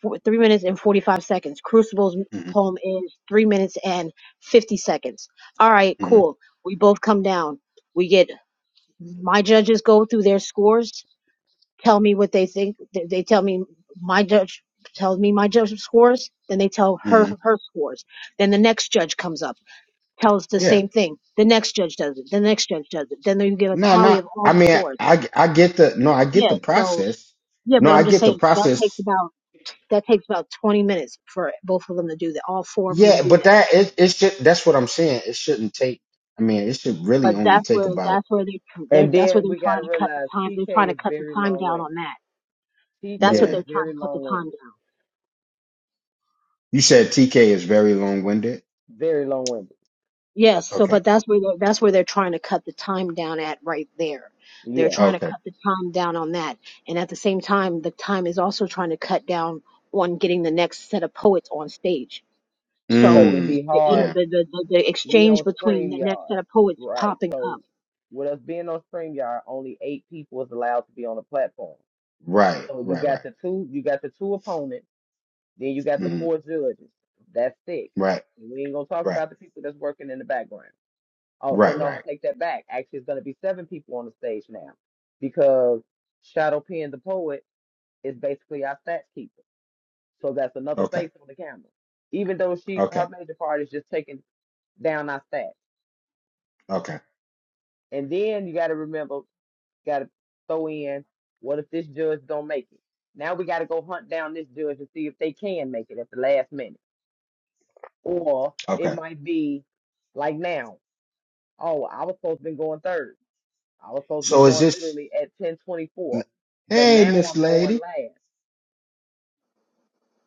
S3: four- three minutes and forty five seconds. Crucible's
S1: hmm
S3: poem is three minutes and fifty seconds. All right,
S1: hmm
S3: cool. We both come down. We get my judges go through their scores, tell me what they think. They, they tell me my judge tells me my judge scores. Then they tell her
S1: hmm
S3: her scores. Then the next judge comes up tells the
S1: Yeah.
S3: same thing. The next judge does it. The next judge does it. Then you get a
S1: No,
S3: tally
S1: no.
S3: of all
S1: I
S3: the
S1: mean,
S3: scores.
S1: I I get the no, I get
S3: Yeah.
S1: the
S3: So
S1: process.
S3: yeah,
S1: No,
S3: but
S1: I
S3: I'm just
S1: get the
S3: saying that takes
S1: process
S3: about that takes about 20 minutes for both of them to do that. All four of them to
S1: Yeah,
S3: do
S1: but
S3: that.
S1: that it it should that's what I'm saying. It shouldn't take I mean, it should really
S3: But
S1: only
S3: that's
S1: take
S3: where
S1: about
S3: that's where they they're
S2: And
S3: that's where
S2: then
S3: they're
S2: we got
S3: trying
S2: to
S3: to cut the
S2: realize
S3: time. They're trying
S2: TK
S3: to
S2: is
S3: cut the
S2: very
S3: time
S2: long
S3: down on
S2: winded.
S3: that. That's what
S2: TK is
S1: yeah.
S3: they're trying
S2: very
S3: to cut the
S2: long
S3: time
S2: winded.
S3: down.
S1: You said TK is very long winded.
S2: Very long winded.
S3: Yes, so
S1: Okay.
S3: but that's where they're, that's where they're trying to cut the time down at right there. They're
S2: Yeah.
S3: trying to
S1: Okay.
S3: cut the time down on that, and at the same time, the time is also trying to cut down on getting the next set of poets on stage.
S2: Because
S3: So
S2: it'd
S1: Mm.
S2: be
S3: the inner
S2: hard.
S1: Yeah.
S3: the the, the, the
S2: We
S3: exchange
S2: on
S3: between the next
S2: StreamYard.
S3: set of poets
S2: Right.
S3: popping
S2: So
S3: up.
S2: with us being on StreamYard, only eight people is allowed to be on the platform.
S1: Right.
S2: So you
S1: Right. Right.
S2: got the two, you got the two opponents, then you got the
S1: Mm.
S2: four judges. That's six.
S1: Right.
S2: And we ain't gonna talk
S1: Right.
S2: about the people that's working in the background. Oh, so
S1: Right.
S2: no, I
S1: Right.
S2: take that back. Actually, it's gonna be seven people on the stage now because Shadow Pen the poet is basically our stats keeper. So that's another
S1: Okay.
S2: face on the camera. Even though she her
S1: Okay.
S2: major part is just taking down our stats.
S1: Okay.
S2: And then you gotta remember, gotta throw in, what if this judge don't make it? Now we gotta go hunt down this judge to see if they can make it at the last minute. Or it
S1: Okay.
S2: might be like now. Oh, I was supposed to been going third. I was supposed to been
S1: So is
S2: going
S1: this
S2: literally at ten twenty four. But
S1: Hey
S2: now
S1: Miss
S2: I'm going
S1: Lady.
S2: last.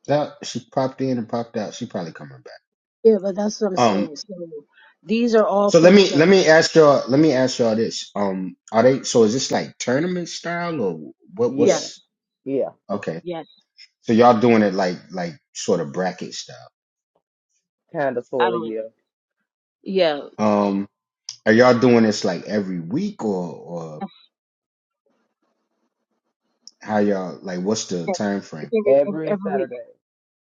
S1: That she popped in and popped out. She probably coming back.
S3: Yeah, but that's what I'm
S1: Um.
S3: saying. So these are all
S1: So let
S3: things
S1: me
S3: that
S1: let me ask y'all let me ask y'all this. Um are they so is this like tournament style or what
S3: yes,
S2: Yeah,
S1: what's
S2: yeah.
S1: okay.
S3: yes,
S1: So y'all doing it like like sort of bracket style.
S2: Kinda
S3: I
S2: sorta,
S3: don't.
S2: yeah.
S3: Yeah,
S1: Um are y'all doing this like every week or or
S3: That's-
S1: how y'all like what's the
S3: that's-
S1: time
S3: it's
S1: frame?
S3: every every
S2: Every
S3: every week,
S2: Saturday.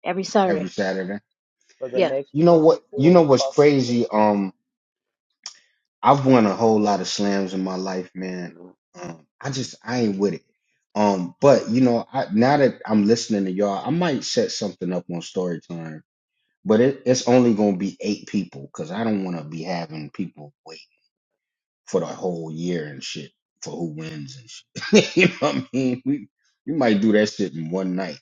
S3: every Saturday.
S1: Every Saturday?
S2: for the
S3: Yes.
S2: next
S1: You know what you know
S2: 24
S1: what's
S2: fucking
S1: crazy?
S2: weeks.
S1: Um I've won a whole lot of slams in my life, man.
S2: No,
S1: Um I
S2: the next
S1: just I
S2: time.
S1: ain't with it. Um, but you know, I, now that I'm listening to y'all, I might set something up on story time But it, it's only gonna be eight people because I don't want to be having people wait for the whole year and shit for who wins and shit. you know what I mean? We we might do that shit in one night.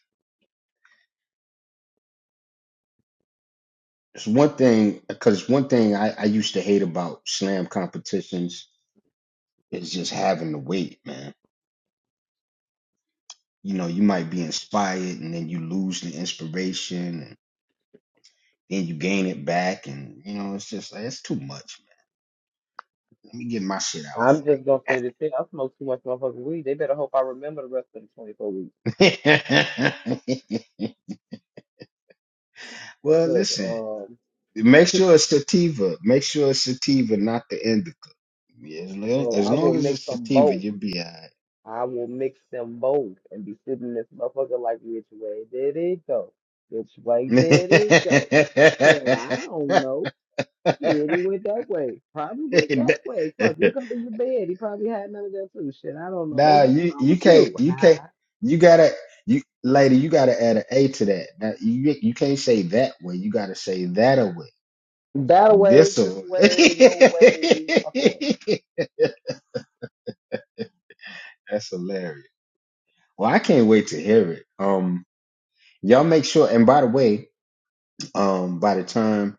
S1: It's one thing because one thing I, I used to hate about slam competitions is just having to wait, man. You know, you might be inspired and then you lose the inspiration and then you gain it back and you know it's just like it's too much, man. Let me get my shit
S2: I'm just gonna
S1: off
S2: say this thing. I smoke too much motherfucking weed. They better hope I remember the rest of the 24 weeks.
S1: right. well,
S2: Cause
S1: listen.
S2: um,
S1: Make sure it's sativa. Make sure it's sativa, not the indica. Yeah, As long
S2: bro,
S1: as,
S2: I will
S1: long as
S2: mix
S1: it's
S2: them
S1: sativa,
S2: both.
S1: you'll be all right.
S2: I will mix them both and be sitting in this motherfucker like, which way did it go? Which way did it go? Hell, I don't know. Shit, he went that way. Probably went that way. Fuck, look under your bed. He probably had none of that too. Shit, I don't know. They,
S1: nah,
S2: what's
S1: you
S2: wrong
S1: you
S2: with
S1: can't
S2: you?
S1: you can't you gotta you lady you gotta add an A to that. Now, you you can't say that way. You gotta say that away.
S2: That way,
S1: This
S2: this
S1: away.
S2: way, no way, fuck away.
S1: That's hilarious. Well, I can't wait to hear it. Um, y'all make sure. And by the way, Um, by the time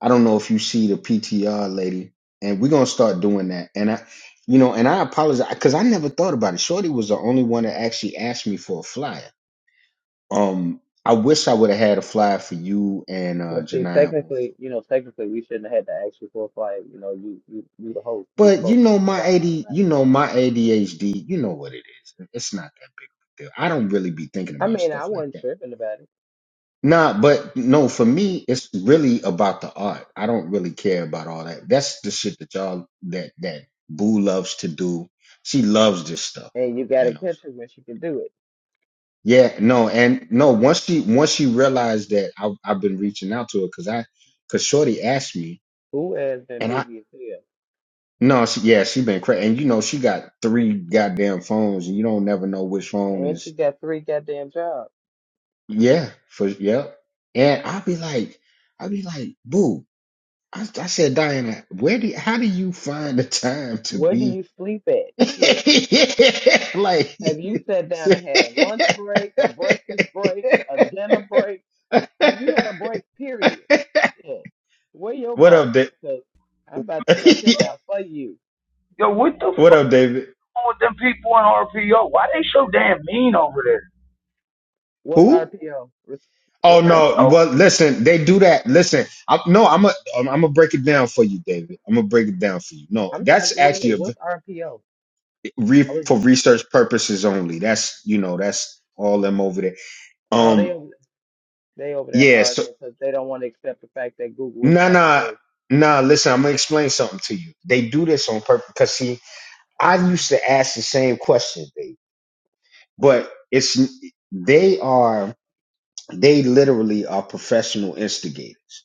S1: I don't know if you see the PTR lady, and we're gonna start doing that. And I, you know, and I apologize because I never thought about it. Shorty was the only one that actually asked me for a flyer. Um, I wish I would have had a flyer for you and uh
S2: Well, see,
S1: Janiyah. on
S2: technically, you know, technically, we shouldn't have had to ask you for a flight. You know, you you you the host, you
S1: But you
S2: supposed to
S1: know my
S2: fly
S1: AD, you
S2: automatically.
S1: know my ADHD, you know what it is. It's not that big of a deal. I don't really be thinking
S2: I
S1: about
S2: mean,
S1: stuff
S2: I
S1: like
S2: wasn't
S1: that.
S2: tripping about it.
S1: Nah, but no, for
S2: Yeah.
S1: me, it's really about the art. I don't really care about all that. That's the shit that y'all that that Boo loves to do. She loves this stuff,
S2: And you
S1: you
S2: gotta
S1: know.
S2: catch her when she can do it.
S1: Yeah, no, and no. Once she once she realized that I, I've been reaching out to her because I because Shorty asked me,
S2: Who has been
S1: and I
S2: busy as hell?
S1: no, she, yeah, she been crazy, and you know she got three goddamn phones, and you don't never know which phone
S2: And she
S1: is.
S2: got three goddamn jobs.
S1: Yeah, for yeah, and I'll be like, I'll be like, Boo. I, I said, Diana, where do how do you find the time to
S2: Where do
S1: be
S2: you sleep at? Shit.
S1: like?
S2: Have you sat down and had a lunch break, a breakfast break, a dinner break? Have you had a break, period? Shit. Where your
S1: what
S2: boss
S1: up, Dave?
S2: at? Because I'm about to cuss him out for you.
S4: Yo, what the
S1: what
S4: fuck
S1: up, David?
S4: with them people in RPO? Why they so damn mean over there?
S2: What's
S1: Who?
S2: RPO? Res-
S1: Oh
S2: What's
S1: no!
S2: RPO?
S4: Oh,
S1: Well, listen, they do that. Listen, I, no, I'm a, I'm gonna break it down for you, David. I'm gonna break it down for you. No,
S2: I'm trying
S1: that's
S2: to, wait a
S1: actually
S2: minute,
S1: a, v-
S2: what's RPO?
S1: re,
S2: I was,
S1: for research purposes only. That's you know, that's all them over there.
S2: oh, they
S1: Um,
S2: over, they over there
S1: yeah, so.
S2: arguing because they don't want to accept the fact that Google is
S1: Nah,
S2: not a
S1: nah,
S2: source.
S1: nah. Listen, I'm gonna explain something to you. They do this on purpose because see, I used to ask the same question, they, but it's they are they literally are professional instigators.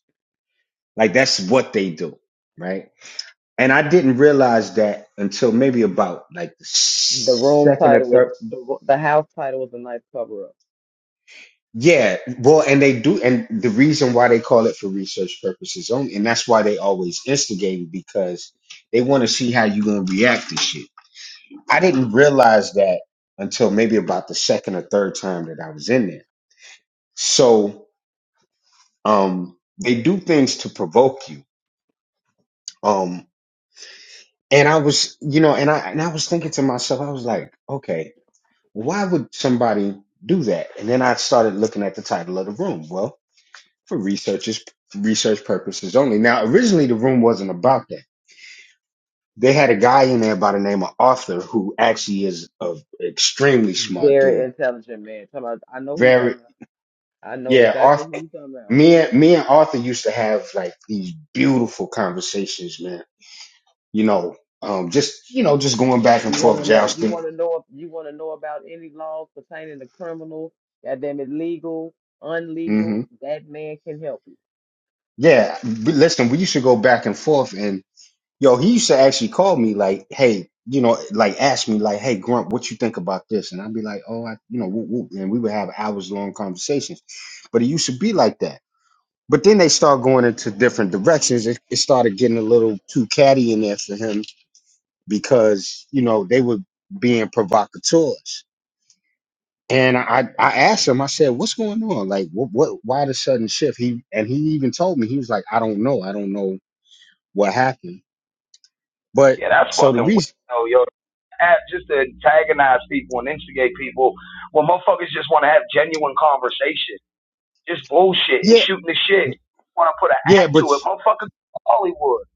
S1: Like that's what they do, right? And I didn't realize that until maybe about like the
S2: The room
S1: second or
S2: title was,
S1: third.
S2: the, ro- the house title was a nice cover up.
S1: Yeah, well, and they do, and the reason why they call it for research purposes only, and that's why they always instigating because they want to see how you gonna react to shit. I didn't realize that until maybe about the second or third time that I was in there. So um, they do things to provoke you. Um, and I was, you know, and I and I was thinking to myself, I was like, okay, why would somebody do that? And then I started looking at the title of the room. Well, for researchers, research purposes only. Now, originally the room wasn't about that. They had a guy in there by the name of Arthur, who actually is an extremely smart
S2: Very
S1: dude,
S2: intelligent man. Talking about, I know who you
S1: Very.
S2: talking about. I know
S1: yeah,
S2: exactly who
S1: Arthur,
S2: you talking about.
S1: me and me and Arthur used to have like these beautiful conversations, man. You know, um, just you know, just going back and
S2: You want
S1: forth,
S2: to know? You
S1: jousting.
S2: want to know? You want to know about any laws pertaining to criminal? Goddamn it, legal, unlegal.
S1: hmm
S2: That man can help you.
S1: Yeah, but listen, we used to go back and forth, and yo, he used to actually call me like, hey, you know, like ask me like, hey, Grump, what you think about this? And I'd be like, oh, I, you know, whoop, whoop. and we would have hours long conversations. But it used to be like that. But then they start going into different directions. It, it started getting a little too catty in there for him because you know they were being provocateurs. And I, I asked him, I said, "What's going on? Like, what, what, why the sudden shift?" He and he even told me he was like, "I don't know, I don't know what happened." But
S4: yeah, that's
S1: so the
S4: fucking
S1: reason,
S4: weird. though, Yo, App just to antagonize people and instigate people when motherfuckers just want to have genuine conversation, just bullshit and
S1: yeah,
S4: shooting the shit. Want to put an
S1: yeah,
S4: act
S1: but
S4: to it, motherfucker? Hollywood.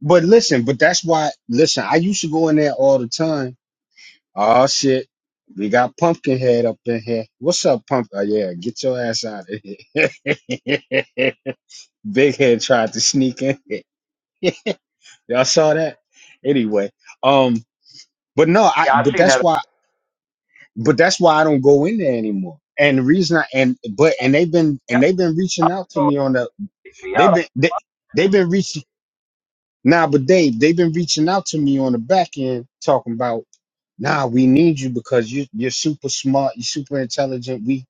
S1: but listen, but that's why. Listen, I used to go in there all the time. Oh shit, we got Pumpkinhead up in here. What's up, Pump? Oh yeah, get your ass out of here. Big Head tried to sneak in. Y'all saw that? Anyway, um, but no, I but that's why but that's why I don't go in there anymore. And the reason I and but and they've been and they've been reaching out to me on the they've been they they've been reaching nah, but Dave, they've been reaching out to me on the back end talking about nah, we need you because you you're super smart, you're super intelligent. We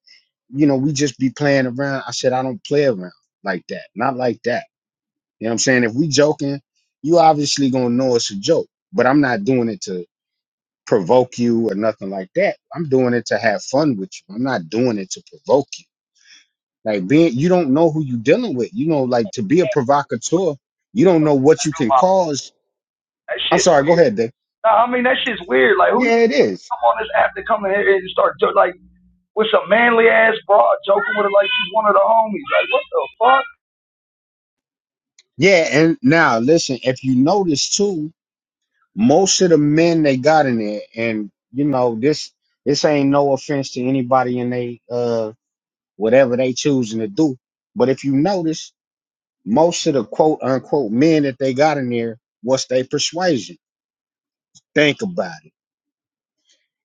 S1: you know, we just be playing around. I said I don't play around like that. Not like that. You know what I'm saying? If we joking, you obviously gonna know it's a joke. But I'm not doing it to provoke you or nothing like that. I'm doing it to have fun with you. I'm not doing it to provoke you. Like being you don't know who you're dealing with. You know, like to be a provocateur, you don't know what you can cause.
S4: that
S1: I'm
S4: shit's
S1: sorry, go
S4: weird.
S1: ahead, Dave.
S4: No, I mean that shit's weird. Like who
S1: Yeah,
S4: come
S1: it is.
S4: on this app to come in here and start like with some manly ass broad joking with her like she's one of the homies? Like what the fuck?
S1: Yeah, and now listen, if you notice too, most of the men they got in there, and you know, this this ain't no offense to anybody in they uh whatever they choosing to do. But if you notice, Most of the quote unquote men that they got in there, what's their persuasion? Think about it.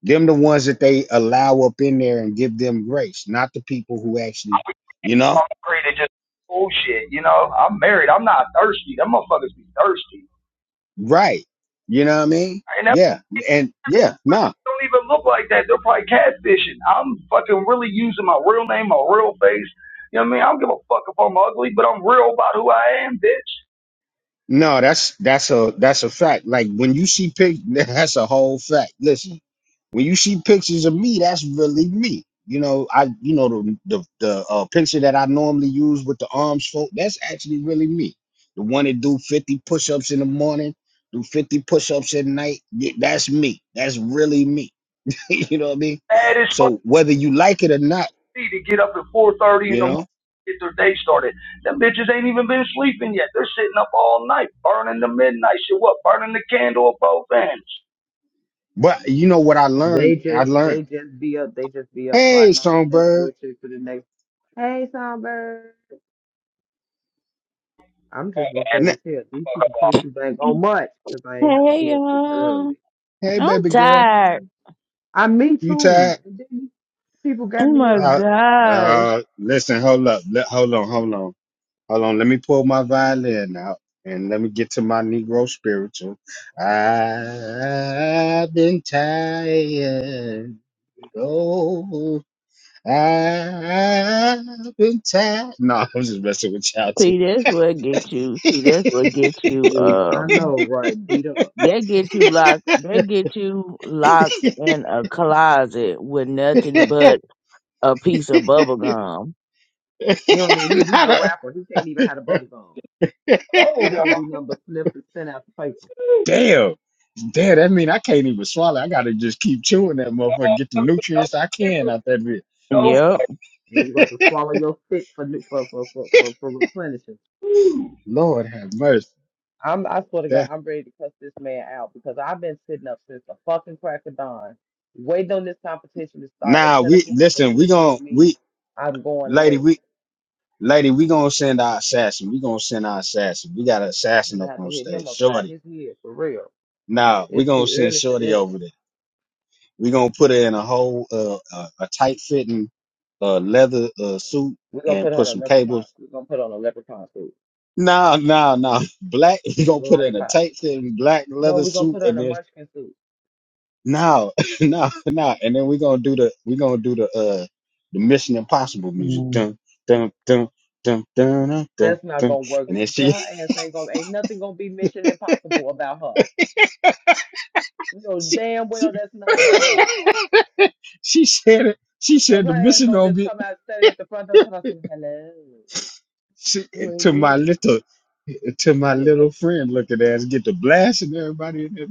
S1: Them the ones that they allow up in there and give them grace, not the people who actually, you know,
S4: I'm just bullshit. You know, I'm married. I'm not thirsty. Them motherfuckers be thirsty.
S1: right. You know what I mean?
S4: I ain't never.
S1: Yeah. And
S4: They
S1: yeah, no.
S4: don't even look like that. They're probably catfishing. I'm fucking really using my real name, my real face. You know what I mean? I don't give a fuck if I'm ugly, but I'm real about who I am, bitch.
S1: No, that's that's a that's a fact. Like when you see pic, that's a whole fact. Listen, when you see pictures of me, that's really me. You know, I you know the the, the uh, picture that I normally use with the arms fold. That's actually really me. The one that do fifty push ups in the morning, do fifty push ups at night. y- That's me. That's really me. you know what I mean?
S4: Mad as fuck
S1: So whether you like it or not,
S4: me to get up at 4:30 in
S1: you
S4: the morning
S1: know.
S4: to get their day started. Them bitches ain't even been sleeping yet. They're sitting up all night, burning the midnight shit. What? Burning the candle at both ends.
S1: But you know what I
S2: They
S1: learned? I
S2: just,
S1: learned.
S2: they just be up. They just be up
S1: Hey,
S2: plotting on the next
S1: songbird.
S2: bullshit for the next. Hey, Songbird. I'm just gonna say
S1: Nah,
S2: this here. These people play too dang on much because I ain't have to
S6: Hey
S2: be up this early.
S6: y'all,
S1: Hey,
S6: I'm
S1: baby girl.
S6: tired.
S2: I me
S1: You
S2: too.
S1: tired?
S2: And then these People got
S6: Oh
S2: me
S6: my
S2: up.
S1: Uh,
S6: gosh!
S1: uh, listen, hold up. Let, hold on, hold on. Hold on. Let me pull my violin out and let me get to my Negro spiritual. I've been tired. Oh, I've been tired. No, I was just messing with y'all too.
S6: See, that's what get you. See, that's what get you.
S2: See, I
S6: Um,
S2: know, right? Beat up.
S6: that get you locked. That get you locked in a closet with nothing but a piece of bubble gum.
S2: He don't need. He had a
S1: Not
S2: rapper. He can't even have a bubble gum.
S1: a-
S2: You can't do nothing but sniff and send out the paper,
S1: Damn. Damn, that mean I can't even swallow. I gotta just keep chewing that motherfucker, get the nutrients I can out that bitch.
S4: No
S6: Yep.
S2: and you got to swallow your spit for new- for for for for, for replenishing.
S4: food.
S1: Lord have mercy.
S2: I'm I swear to God,
S1: That
S2: I'm ready to cuss this man out because I've been sitting up since the fucking crack of dawn, waiting on this competition to start at
S1: now
S2: ten
S1: we
S2: o'clock for
S1: listen.
S2: him
S1: We
S2: to tell
S1: gon'
S2: me
S1: we
S2: I'm going
S1: lady
S2: last.
S1: we lady we gonna send our assassin. We gonna send our assassin. We got an
S2: I'm
S1: assassin
S2: gonna
S1: up
S2: have to
S1: on
S2: hit him
S1: stage,
S2: upside
S1: Shorty.
S2: his head for real.
S1: Now we
S2: It's
S1: gonna
S2: too
S1: send
S2: early for
S1: Shorty
S2: this.
S1: over there. We gonna put her in a whole uh, a, a tight fitting uh, leather uh, suit
S2: We're gonna
S1: and
S2: put on
S1: put
S2: a
S1: some
S2: leprechaun.
S1: cables.
S2: We're gonna put on a leprechaun suit,
S1: No, no, no, Black. We gonna
S2: a
S1: put her in a
S2: lollipop.
S1: tight fitting black
S2: No,
S1: leather
S2: we're gonna
S1: suit
S2: put on
S1: and
S2: a
S1: then
S2: munchkin suit.
S1: No, no, no, and then we're gonna do the we're gonna do the uh the Mission Impossible music.
S6: Mm.
S1: Dun dun dun dun dun dun dun.
S2: That's not
S1: dun.
S2: gonna work.
S1: And then
S2: Her
S1: she
S2: ass ain't gonna ain't nothing gonna be mission impossible about her. You know
S1: she
S2: damn well
S1: she,
S2: that's not gonna work.
S1: she said it. She
S2: Cause
S1: said the
S2: her ass
S1: mission
S2: gonna
S1: gonna
S2: just
S1: be
S2: come out standing at the front door and say, Hello,
S1: she,
S2: who are
S1: to my
S2: you?
S1: little to my
S2: Yeah, look,
S1: little friend looking ass get the blast and everybody in there.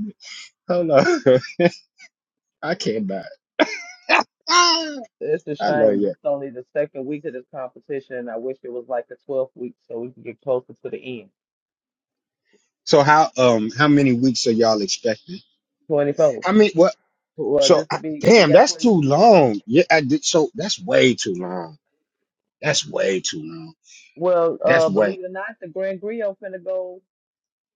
S1: Hold on, I can't die. I
S2: it's a
S1: love
S2: shame.
S1: you.
S2: This only the second week of this competition and I wish it was like the twelfth week so we could get closer to the end.
S1: So how um how many weeks are y'all expecting?
S2: Twenty four.
S1: I mean What?
S2: Well,
S1: So
S2: this
S1: I,
S2: would be we
S1: damn,
S2: got
S1: that's
S2: twenty
S1: too
S2: two now.
S1: long. Yeah, I did. So that's way too long. That's way too long.
S2: Well,
S1: That's
S2: uh believe
S1: way.
S2: it or not, the Grand Griot finna go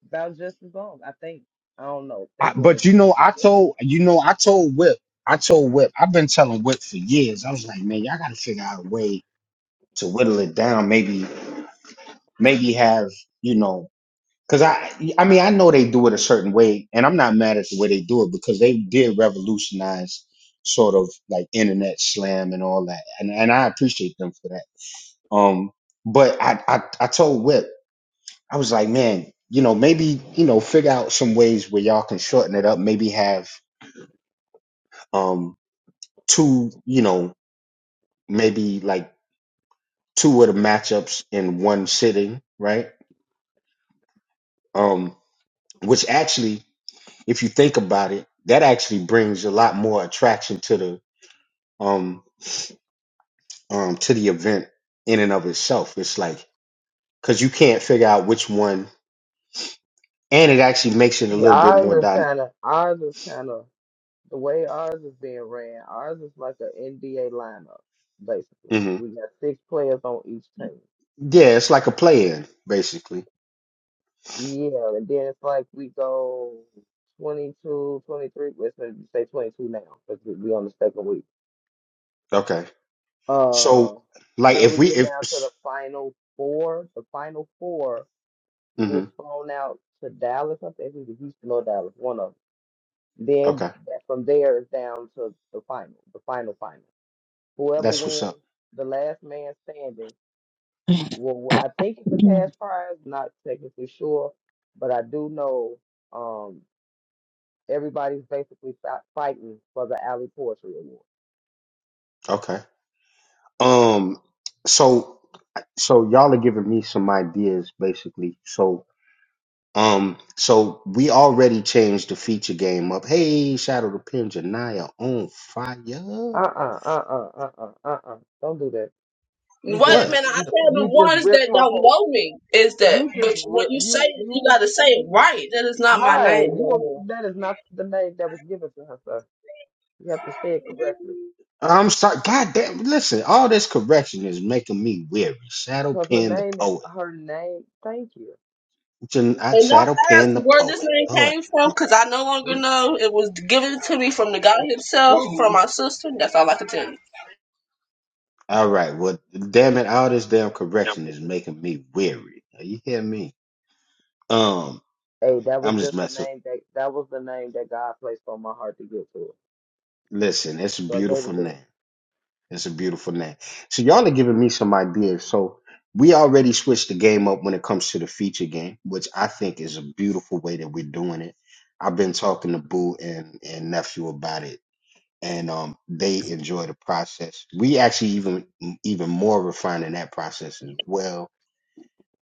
S2: about just as long, I think. I don't know if they
S1: I,
S2: doing
S1: but
S2: it
S1: you
S2: this
S1: know,
S2: this
S1: I
S2: year.
S1: told you know, I told Whip. I told Whip. I've been telling Whip for years. I was like, man, y'all got to figure out a way to whittle it down. Maybe, maybe have you know, because I, I mean, I know they do it a certain way, and I'm not mad at the way they do it because they did revolutionize sort of like internet slam and all that, and and I appreciate them for that Um, but I, I, I told Whip, I was like, man, you know, maybe, you know, figure out some ways where y'all can shorten it up. Maybe have, um, two, you know, maybe like two of the matchups in one sitting, right? Um, which actually, if you think about it, that actually brings a lot more attraction to the, um, um, to the event in and of itself. It's like, cause you can't figure out which one, and it actually makes it a
S2: See,
S1: little bit
S2: ours
S1: more
S2: is
S1: dynamic.
S2: kind of ours is kind of the way ours is being ran. Ours is like an NBA lineup, basically. We got six players on each team.
S1: Yeah, it's like a play-in, basically.
S2: Yeah, and then it's like we go 22, 23. Let's say say 22 now because we we on the second week.
S1: Okay.
S2: Uh,
S1: So, like,
S2: then
S1: if
S2: we
S1: we
S2: get
S1: if
S2: down to the final four. The final four
S1: hmm
S2: gets flown out to Dallas. I think it's Houston or Dallas, one of them. Then
S1: okay,
S2: that- from there it's down to the final, the final final. Whoever
S1: that's what's up.
S2: wins the last man standing will, I think it's a cash prize, not technically sure, but I do know um, everybody's basically fi- fighting for the Alley Poetry Award.
S1: Okay. Um. So, so y'all are giving me some ideas, basically. So, um, so we already changed the feature game up. Hey, Shadow the Pin, Janaya on fire.
S2: Uh-uh, uh-uh, uh-uh, uh-uh. Don't do that. You
S5: Wait
S2: just,
S5: a
S1: What?
S2: just
S5: minute, I
S2: you,
S5: said the
S2: you just
S5: ones
S2: ripped
S5: that
S2: her
S5: don't
S2: whole.
S5: know me is that,
S2: You just
S5: but when
S2: rip
S5: you say
S2: you
S5: it, you
S2: you
S5: gotta say it
S2: you-
S5: right. That is not my name
S2: right. You
S5: no
S2: are-
S5: more.
S2: that is not the name that was given to her, sir. You have to say it correctly
S1: I'm sorry. God damn. Listen, all this correction is making me weary. Shadow
S2: because her
S1: Pin the
S2: name is
S1: poet.
S2: her name. Thank you.
S1: Jan- I
S5: And don't
S1: Shadow
S5: ask
S1: Pin the
S5: where this
S1: poet.
S5: name
S1: Lord
S5: came from, because I no longer know. It was given to me from the God Himself, from my sister. That's all I can tell you.
S1: All right. Well, damn it! All this damn
S6: Yep.
S1: correction is making me weary. you hear me? Um,
S2: Hey, that was
S1: I'm just
S2: just the
S1: messing.
S2: name that that was the name that God placed on my heart to give to her.
S1: Listen, it's a
S2: So I gave
S1: beautiful
S2: it to
S1: name.
S2: her.
S1: It's a beautiful name. So y'all are giving me some ideas. So we already switched the game up when it comes to the feature game, which I think is a beautiful way that we're doing it. I've been talking to Boo and and nephew about it, and um, they enjoy the process. We actually even even more refining that process as well.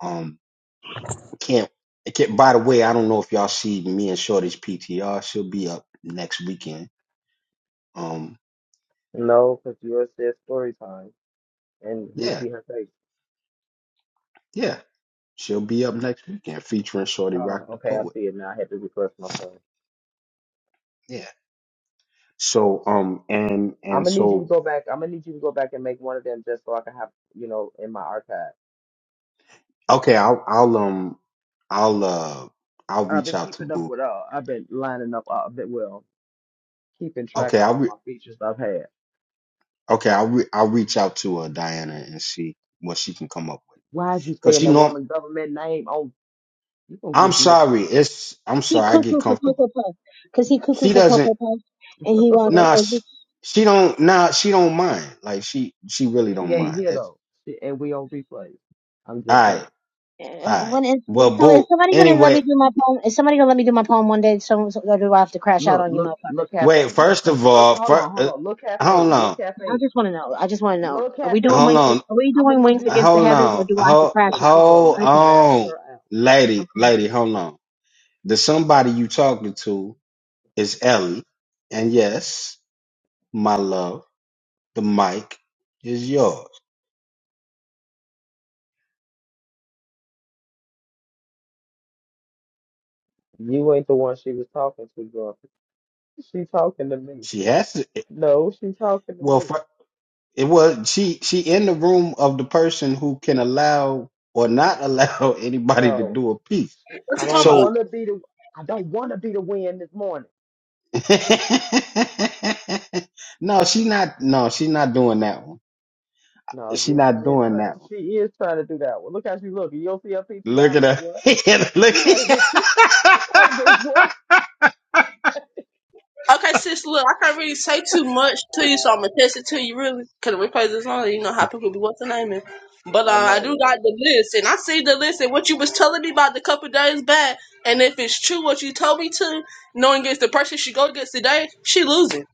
S1: Um. Can't I can't by the way, I don't know if y'all see me and Shorty's PTR. She'll be up next weekend. Um
S2: No, because yours says story time, and we
S1: yeah,
S2: see her face.
S1: yeah. She'll be up next weekend featuring Shorty
S2: Oh,
S1: Rock the
S2: okay, I
S1: Poet.
S2: see it now. I had to refresh my phone.
S1: Yeah. So um and
S2: I'm
S1: and
S2: gonna need you to
S1: so
S2: go back. I'm gonna need you to go back and make one of them just so I can have you know in my archive.
S1: okay, I'll I'll um I'll uh I'll
S2: I've
S1: reach
S2: been
S1: out to
S2: keeping up
S1: Boo.
S2: with all. I've been lining up. all- i been well keeping track
S1: Okay,
S2: of
S1: I'll
S2: all
S1: re-
S2: my features I've had.
S1: okay, I'll re- I'll reach out to uh Diana and see what she can come up with.
S2: Why is you
S1: Cause
S2: saying
S1: she
S2: that
S1: know
S2: woman government name? Oh, you gonna
S1: I'm
S2: get beat up.
S1: sorry, it's I'm
S3: He
S1: sorry, I get
S3: cuckoo for
S1: comfortable.
S3: Cocoa Puff, 'cause he cuckoo
S1: She
S3: for
S1: doesn't
S3: Cocoa Puff, and he wanna go
S1: Nah, she,
S3: crazy.
S1: she don't. Nah, she don't mind. Like she, she really
S2: she
S1: don't
S2: ain't
S1: mind.
S2: here
S1: That's
S2: though. She, and we on replay. I'm
S1: all
S2: just saying.
S1: right.
S3: Uh,
S1: All right.
S3: When is,
S1: Well,
S3: so is
S1: boo.
S3: somebody gonna let
S1: Anyway,
S3: me do my poem? Is somebody gonna let me do my poem one day? So, so or do I have to crash out
S2: Look,
S3: on you,
S2: look, look,
S3: motherfuckers?
S1: wait.
S2: caffeine. Look,
S1: First
S2: ca-
S1: of
S2: look.
S1: all,
S2: Hold
S1: fir-
S2: on, hold
S1: uh,
S2: on. Look,
S1: hold
S2: caffeine. Look,
S1: on,
S3: I
S2: caffeine.
S3: just wanna know. I just wanna know.
S2: Look,
S3: Are we doing
S2: caffeine.
S1: hold
S3: wings?
S1: on,
S3: Are we
S2: I'm gonna
S3: doing
S2: need
S3: wings
S2: you to
S3: against the
S1: hold
S3: heavens, or
S1: on,
S3: do I have to
S1: hold,
S3: crash
S2: look.
S3: out?
S2: She going
S1: hold
S2: 90
S3: Okay,
S2: miles
S1: on,
S2: per hour.
S1: lady,
S3: I'm crashing.
S1: lady, hold on. The somebody you talking to is Ellie, and yes, my love, the mic is yours.
S2: You ain't the one she was talking to, girl. She talking to me.
S1: She has to. eh,
S2: No, she talking to
S1: Well, fir-
S2: me.
S1: It was she she in the room of the person who can allow or not allow anybody to
S2: No,
S1: do a piece.
S2: she,
S5: What
S2: I
S5: you talking
S2: don't
S5: about?
S2: want
S1: So
S2: to be the. I don't want to be the wind this morning.
S1: no, she not no, she not doing that one.
S2: No,
S1: She
S2: yes, she
S1: not
S2: is.
S1: doing
S2: try-
S1: that one.
S2: She is trying to do that. one. look how she looking. You don't see her PTI
S1: Look at
S2: like
S1: her.
S2: what?
S1: Look
S2: She like bitch. She like bitch. What?
S5: Okay, sis, look, I can't really say too much to you, so I'm gonna test it to you really. Cause we play this song, you know how people be what's the name is. But uh,
S2: I
S5: I do
S2: know, right?
S5: got the list, and I see the list, and what you was telling me about the couple days back, and if it's true what you told me to, knowing against the person she go against today, she losing.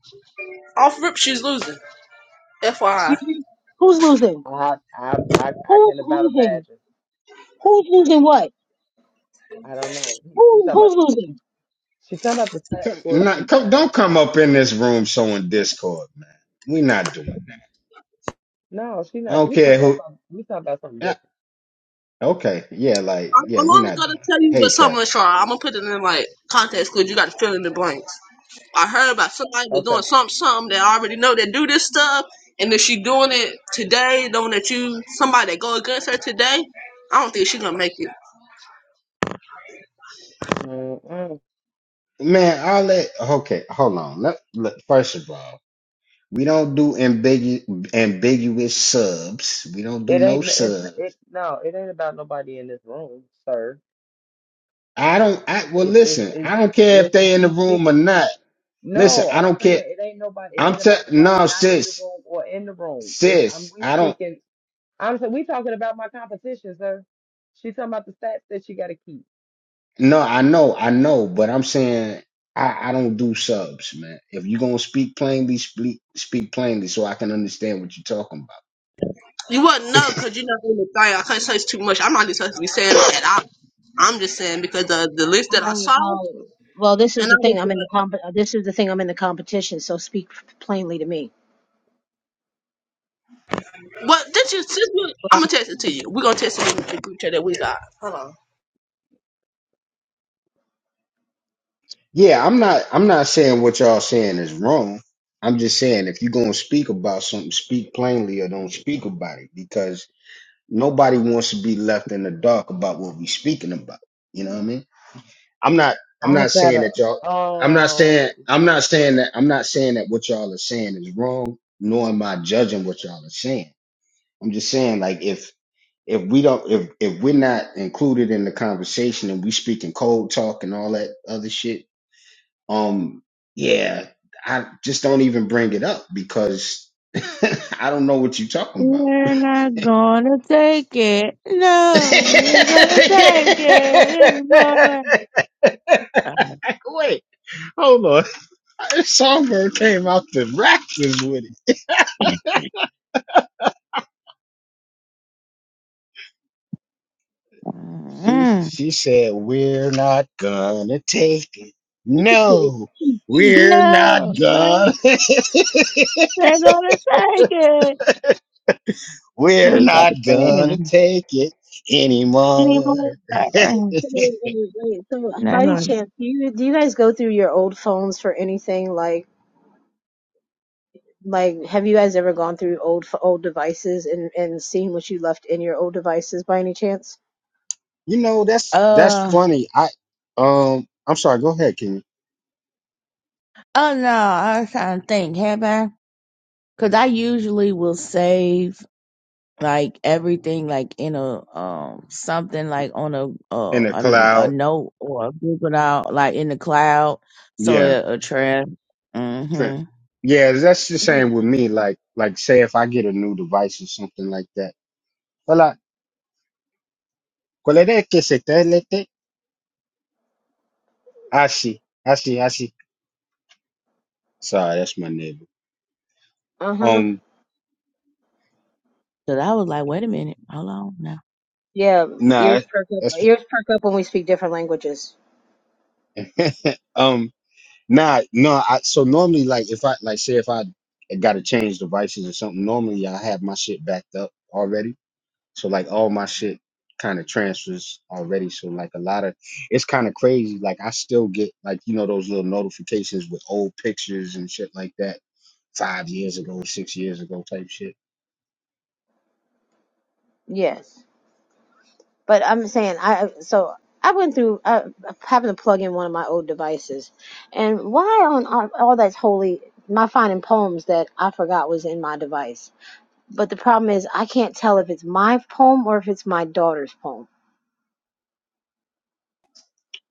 S5: Off rip, she's losing.
S3: Excuse
S5: FYI.
S3: me. Who's losing?
S2: I I I I
S3: Who's
S2: can't about
S3: losing?
S2: imagine.
S3: Who's losing what?
S2: I don't know. He, she
S3: Who
S2: talking about
S3: who's
S2: the, she,
S3: losing?
S2: she talking about the stat
S1: come,
S2: score
S1: not,
S2: sheet,
S1: come,
S2: child.
S1: don't come up in this room showing discord, man. We not doing. It.
S2: No, she
S1: I
S2: not.
S1: don't
S2: We
S1: care
S2: talking about
S1: who.
S2: something. We talking about something
S1: Yeah,
S2: different.
S1: okay, yeah, like
S5: I'm,
S1: yeah,
S5: I'm
S1: we
S5: only
S1: not
S5: gonna
S1: doing. It.
S5: tell you but
S1: Hey,
S5: so
S1: Carrie.
S5: much, so I'm gonna put it in like context, cause you got to fill in the blanks. I heard about somebody was
S2: Okay.
S5: doing some something that I already know that do this stuff, and if she doing it today, knowing that you somebody that go against her today, I don't think she gonna make it.
S2: Mm-mm.
S1: Man, I'll let. Okay, hold on. Let, let- first of all, we don't do ambiguous ambiguous subs. We don't do
S2: It
S1: no
S2: ain't. It,
S1: subs.
S2: it no. It ain't about nobody in this room, sir.
S1: I don't. I well,
S2: It it
S1: listen.
S2: is
S1: I don't care if
S2: what she
S1: they in the
S2: she's
S1: room or
S2: speaking.
S1: not. Listen,
S2: No,
S1: I
S2: I'm
S1: don't
S2: saying
S1: care.
S2: it ain't nobody. It
S1: I'm
S2: ain't
S1: t-
S2: about nobody
S1: no
S2: not in the
S1: sis,
S2: room or in the room. It's I'm
S1: sis.
S2: we
S1: I don't.
S2: speaking. I'm saying we talking about my competition, sir. She talking about the stats that she got to keep.
S1: No, I know, I know, but I'm saying I, I don't do subs, man. If you're gonna speak plainly, speak speak plainly, so I can understand what you're talking about.
S5: You wouldn't know because you know in the thing. I can't say it's too much. I'm not even supposed to be saying at all. I'm just saying because the the list
S3: All
S5: that I
S3: right.
S5: saw,
S3: Well, well, this is
S5: and I
S3: the thing.
S5: was
S3: I'm in the
S5: like,
S3: comp. This is the thing. I'm in the competition. So speak plainly to me.
S5: "What did you?" I'm gonna text it to you. We're gonna text it in the group chat that we got. Hold on.
S1: Yeah, I'm not I'm not saying what y'all saying is wrong. I'm just saying if you're gonna speak about something, speak plainly or don't speak about it because nobody wants to be left in the dark about what we speaking about. You know what I mean? I'm not I'm
S2: I
S1: not saying
S2: gotta
S1: that y'all I'm not
S2: um
S1: saying I'm not saying that I'm not saying that what y'all are saying is wrong, nor am I judging what y'all are saying. I'm just saying like if if we don't if if we're not included in the conversation and we speaking cold talk and all that other shit um, yeah, I just don't even bring it up because I don't know what you're talking about.
S6: We're not gonna take it. No, we're not gonna take it anymore.
S1: Wait, hold on. Songbird came out the rafters with it. She,
S6: Mm.
S1: she said, We're not gonna take it.
S3: Hey,
S1: No,
S3: hey, hey,
S1: we're not
S6: No.
S1: gonna.
S6: They're gonna take it. Yeah,
S1: we're
S6: you got
S1: not
S6: to
S1: gonna
S6: sing.
S1: take it
S6: Any
S1: anymore.
S6: more?
S3: it's wait, wait, wait. So, uh, by
S6: Not
S3: any
S6: gonna.
S3: chance, do you do you guys go through your old phones for anything? Like, like, have you guys ever gone through old ph- old devices and and seen what you left in your old devices by any chance?
S1: You know, that's that's
S6: Uh.
S1: funny. I um I'm sorry, go ahead, King.
S6: Oh no, I was trying to think. Have I? Because I usually will save like everything like in a um something like on a uh
S1: In the
S6: a, a
S1: cloud.
S6: note or a Google out like in the cloud so
S1: Yeah.
S6: it a trend.
S1: Trent.
S6: Mm-hmm.
S1: Yeah, that's the same
S3: Yeah.
S1: with me. Like like say if I get a new device or something like that. Hola, ¿cuál es que se te lete? Ah, sí. Ah, sí, ah, sí. Sorry, that's my neighbor.
S3: Uh huh.
S1: Um
S6: Cause I was like, wait a minute, hold on now.
S3: Yeah.
S1: nah
S3: Ears perk up.
S1: that's
S3: Ears perk up when we speak different languages.
S1: um nah no I so normally like if I like say if I gotta change devices or something, normally I have my shit backed up already. So like all my shit kind of transfers already. So like a lot of it's kind of crazy. Like I still get like you know those little notifications with old pictures and shit like that five years ago, six years ago type shit.
S3: Yes. But I'm saying I so I went through uh, having to plug in one of my old devices, and why on all, all that's holy my finding poems that I forgot was in my device. But the problem is, I can't tell if it's my poem or if it's my daughter's poem.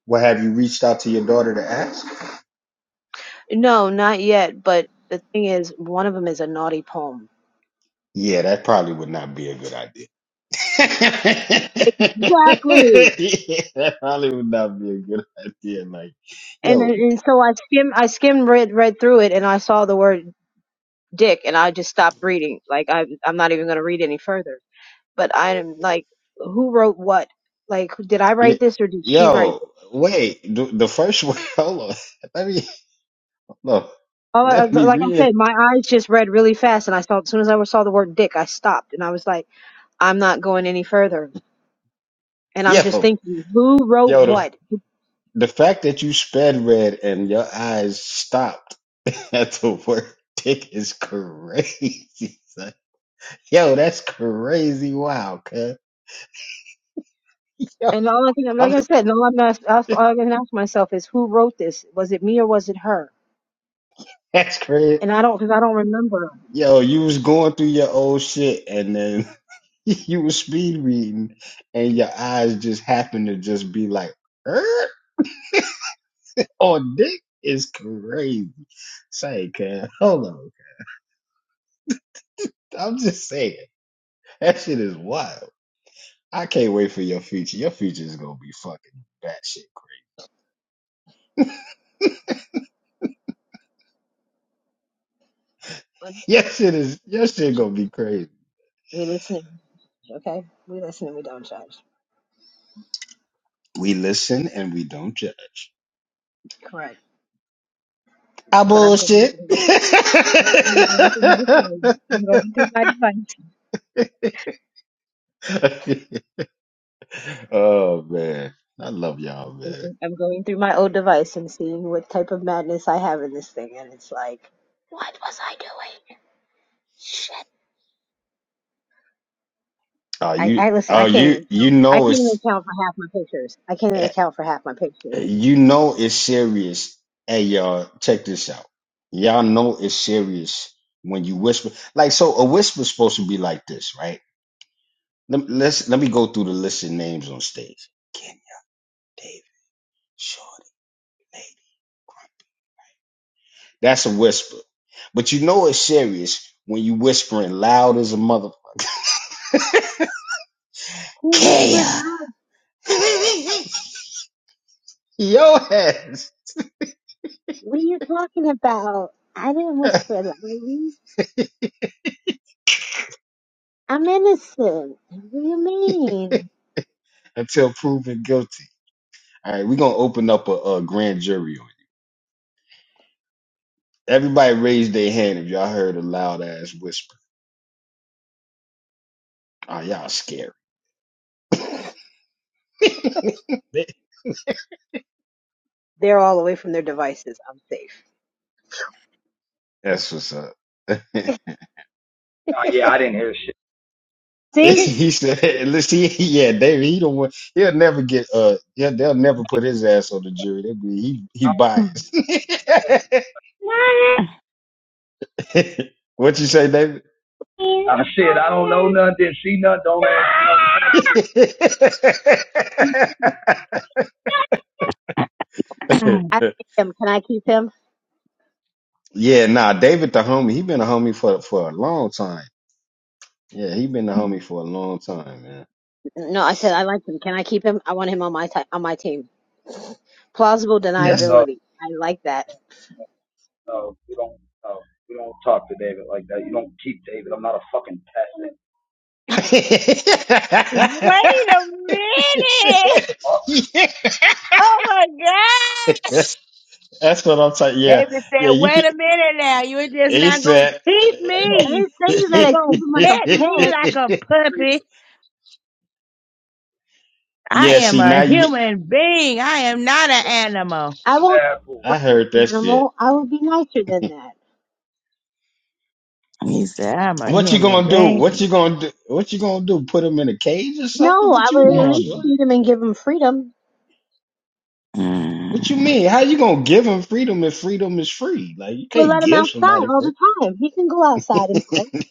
S1: Well, have you reached out to your daughter to ask?
S3: No, not yet. But the thing is, one of them is a naughty poem.
S1: Yeah, that probably would not be a good idea.
S3: Exactly.
S1: Yeah, that probably would not be a good idea. Like,
S3: And then-
S1: yo,
S3: and so I skim I skimmed read read through it and I saw the word dick and I just stopped reading. Like I I'm not even gonna read any further. But I am like, who wrote what? Like, did I write
S1: y-
S3: this or did she write this?
S1: yo, wait, the, the first one, hold on. let me. Look,
S3: All I,
S1: let me
S3: like I
S1: read.
S3: said, my eyes just read really fast, and I saw as soon as I saw the word "dick," I stopped, and I was like, "I'm not going any further." And I'm just
S1: Yo,
S3: thinking, who wrote
S1: yo, the,
S3: what?
S1: the fact that you sped read and your eyes stopped at the word dick is crazy. son. Yo, that's crazy. Wow, cuz. Yo,
S3: And all I can, like
S1: I'm,
S3: I said, all, I'm ask, that's all I can ask myself is, who wrote this? Was it me or was it her?
S1: that's crazy.
S3: And I don't, because I don't remember.
S1: Yo, you was going through your old shit and then you was speed reading and your eyes just happened to just be like, er, oh, dick is crazy. Say, cuz, hold on. I'm just saying. That shit is wild. I can't wait for your future. Your future is gonna be fucking batshit crazy.
S3: But
S1: Your shit is your shit gonna be crazy.
S3: We listening, okay? We listening. We don't judge.
S1: We listen and we don't judge.
S3: Correct.
S1: I
S3: But I'm going
S1: bullshit.
S3: through. I'm going through my phone. I'm going through my device.
S1: oh man, I love y'all,
S3: I'm
S1: man.
S3: I'm- going through my old device and seeing what type of madness I have in this thing, and it's like, what was I doing? Shit.
S1: Oh
S3: I,
S1: you,
S3: I listen.
S1: oh
S3: I can't
S1: you,
S3: even
S1: you
S3: count. I can't
S1: know
S3: even
S1: it's,
S3: count for half my pictures. I can't even
S1: eh,
S3: count for half my pictures.
S1: you know it's serious. Hey y'all, check this out. Y'all know it's serious when you whisper. Like so, a whisper's supposed to be like this, right? Let, let's let me go through the list of names on stage. Kenya, David, Shorty, Lady. Grumpy. That's a whisper, but you know it's serious when you whispering loud as a motherfucker.
S3: Who whispered
S1: Kenya,
S3: that?
S1: your ass.
S3: What are you talking about? I didn't whisper that. lady. I'm innocent. What do you mean?
S1: Until proven guilty. All right, we're gonna open up a, a grand jury on you. Everybody raise their hand if y'all heard a loud ass whisper. Oh, y'all scary.
S3: They're all away from their devices. I'm safe.
S1: That's what's up.
S4: Oh, yeah, I didn't hear shit.
S3: See,
S1: he said, "Listen, he, yeah, David. He don't want. He'll never get. Uh, yeah, they'll never put his ass on the jury. They'll be he he
S6: Hmm.
S1: biased. what you say, David?
S4: I said I don't know nothing, didn't see nothing, don't ask.
S3: I like him. Can I keep him?
S1: yeah, nah, David the homie. He been a homie for for a long time. Yeah, he been a homie for a long time, man.
S3: No, I said I like him. Can I keep him? I want him on my ti on my team. Plausible
S6: Wait
S1: That's."
S4: No,
S3: deniability. I like that.
S4: no, we don't. No, we don't talk to David like that. You don't keep David. I'm not a fucking peasant.
S6: a minute!
S1: That's
S4: All
S6: Oh my gosh!
S1: what I'm saying. Yeah,
S6: David said,
S1: yeah. You
S6: wait
S1: could.
S6: a minute now. You're just
S1: He
S6: not going to
S1: said.
S6: keep
S3: I
S6: me.
S3: didn't say
S1: yeah,
S3: you
S6: You're
S3: gotta keep
S6: going to
S3: him like
S6: pet
S3: a
S6: me
S3: pet.
S6: like a
S4: three
S6: puppy. I am
S1: see
S6: a
S1: now you
S6: human being. I am not an animal.
S3: I won't
S4: pineapples.
S1: I heard
S3: be
S1: that
S3: an
S1: shit.
S3: animal. I would be nicer than that.
S6: He said, I'm a
S1: What you
S6: human
S1: gonna do? What you
S6: being.
S1: gonna do? What you gonna do? Put him in a cage or
S3: No,
S1: something?
S3: I
S1: What you
S3: would at
S1: want,
S3: least
S1: son?
S6: Mm.
S3: feed him and give him freedom.
S1: What you mean? How you gonna give him freedom if freedom is free? Like you
S3: We
S1: can't
S3: let him
S1: give
S3: outside
S1: somebody
S3: all the
S1: free.
S3: time. He can go outside and play. I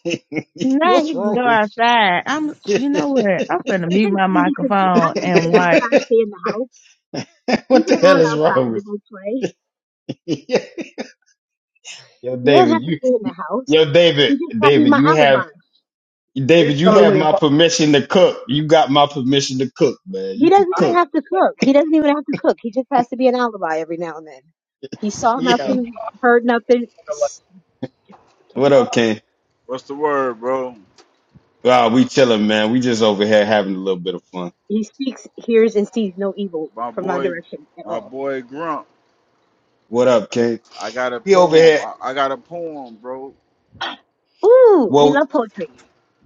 S6: Now
S1: What's
S6: he can
S1: wrong
S6: go
S1: with
S6: outside. I'm,
S1: you?
S6: you know what? I'm going to mute
S3: didn't
S6: my
S3: say he could. I
S6: microphone
S3: didn't say
S6: and
S3: he's
S6: watch.
S3: got to stay in the house. He's
S1: what the hell
S3: allowed
S1: is
S3: outside
S1: wrong
S3: to
S1: with
S3: go play.
S1: you? yo,
S3: He doesn't
S1: David,
S3: have to
S1: you
S3: stay in the house.
S1: yo
S3: He
S1: David,
S3: just got to be
S1: David,
S3: my
S1: you have
S3: alibi.
S4: It's
S1: David, you have
S4: totally
S1: my
S4: impossible.
S1: permission to cook. You got my permission to cook, man.
S3: He
S1: You can
S3: doesn't even
S1: cook.
S3: have to cook. He doesn't even have to cook. He just has to be an alibi every now and then. He saw
S4: It's
S1: Yeah.
S4: impossible.
S3: nothing, heard nothing.
S4: Like, it's
S1: What up,
S4: impossible.
S1: King?
S7: What's the word, bro?
S1: Wow, we chilling, man. We just over here having a little bit of fun.
S3: He speaks, hears, and sees no evil
S7: My
S3: from my
S7: boy,
S3: direction at
S7: my
S3: all.
S7: boy Grump.
S1: What up, King?
S7: I got a
S1: We over
S7: poem.
S1: here.
S7: I, I got a poem, bro.
S3: Ooh, we
S1: Well,
S3: love poetry.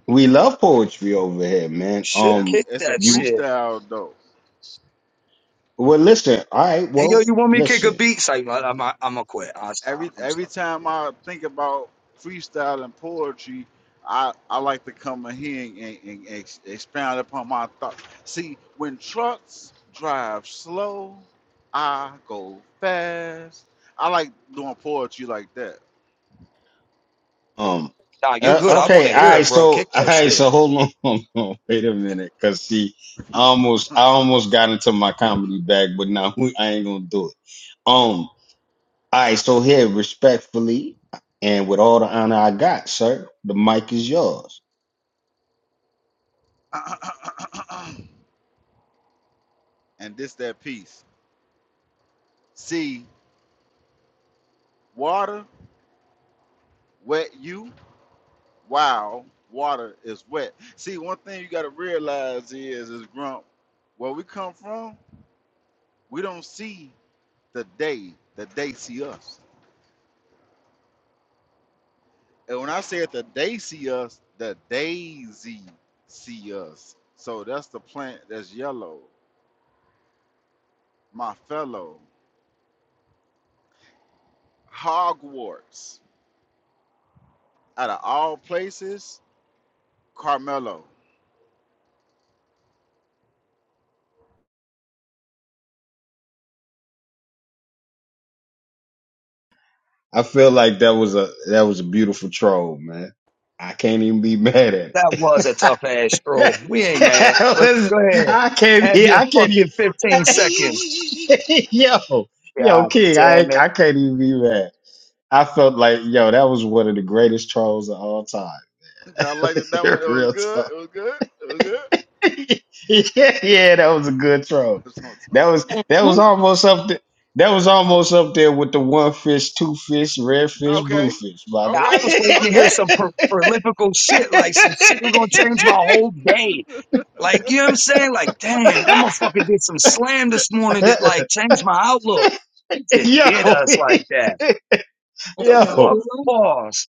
S1: we love poetry over here, man.
S4: Shit,
S7: It-
S1: Um,
S4: kick
S7: It's a
S4: that
S1: you
S4: shit.
S7: freestyle though.
S1: well, listen. All right.
S4: Hey, yo,
S1: Well,
S4: you want me to kick a
S1: listen.
S4: beat? It's like, I'm, I'm, I'm gonna quit. I am stop.
S7: Every
S4: I'm
S7: every
S4: sorry.
S7: time I think about freestyle and poetry, I, I like to come in here and, and, and ex, expound upon my thoughts. See, when trucks drive slow, I go fast. I like doing poetry like that.
S1: Um.
S4: Nah, you're
S1: Uh,
S4: good. I want
S1: okay.
S4: to
S1: All
S4: hear
S1: right.
S4: it, bro.
S1: So,
S4: Kick
S1: all
S4: that
S1: right.
S4: shit.
S1: So, hold on. Hold on. Wait a minute, cause see, I almost, I almost got into my comedy bag, but now I ain't gonna do it. Um. All right. So here, respectfully, and with all the honor I got, sir, the mic is yours.
S7: and this that piece. See, water wet you while water is wet. See, one thing you got to realize is, is grump, where we come from, we don't see the day that they see us. And when I say that they see us, the daisy see us. So that's the plant that's yellow, my fellow. Hogwarts, out of all places, Carmelo.
S1: I feel like that was a that was a beautiful troll, man. I can't even be mad at
S4: That
S1: it.
S4: was a tough ass stroll. We ain't mad,
S1: That
S4: but
S1: was-
S4: go ahead.
S1: I can't
S4: Have
S1: be.
S4: your
S1: I can't even.
S4: fucking 15 seconds.
S1: yo, yo,
S4: God
S1: King. I
S4: damn
S1: ain't-
S4: it.
S1: I can't even be mad. I felt like yo, that was one of the greatest trolls of all time.
S7: Y'all liked it, that one? It was
S1: Real talk.
S7: good. It was good. It was
S1: yeah, yeah, that was a good throw.
S7: good.
S1: That was
S3: Can I?
S1: that was
S3: sing?
S1: almost up there. That was almost up there with the one fish, two fish, red fish, blue
S7: Okay.
S1: fish,
S4: Yeah,
S1: brother.
S4: I
S7: Okay.
S4: was waiting to hear
S7: Okay.
S4: some pro- prolifical shit, like some shit that was gonna change my whole day. Like, you know what I'm saying? Like, damn, that motherfucker did some slam this morning that like changed my outlook. He just did us like that.
S1: yo,
S4: The
S3: Can I
S1: yo,
S4: fuck
S3: do one?
S4: pause.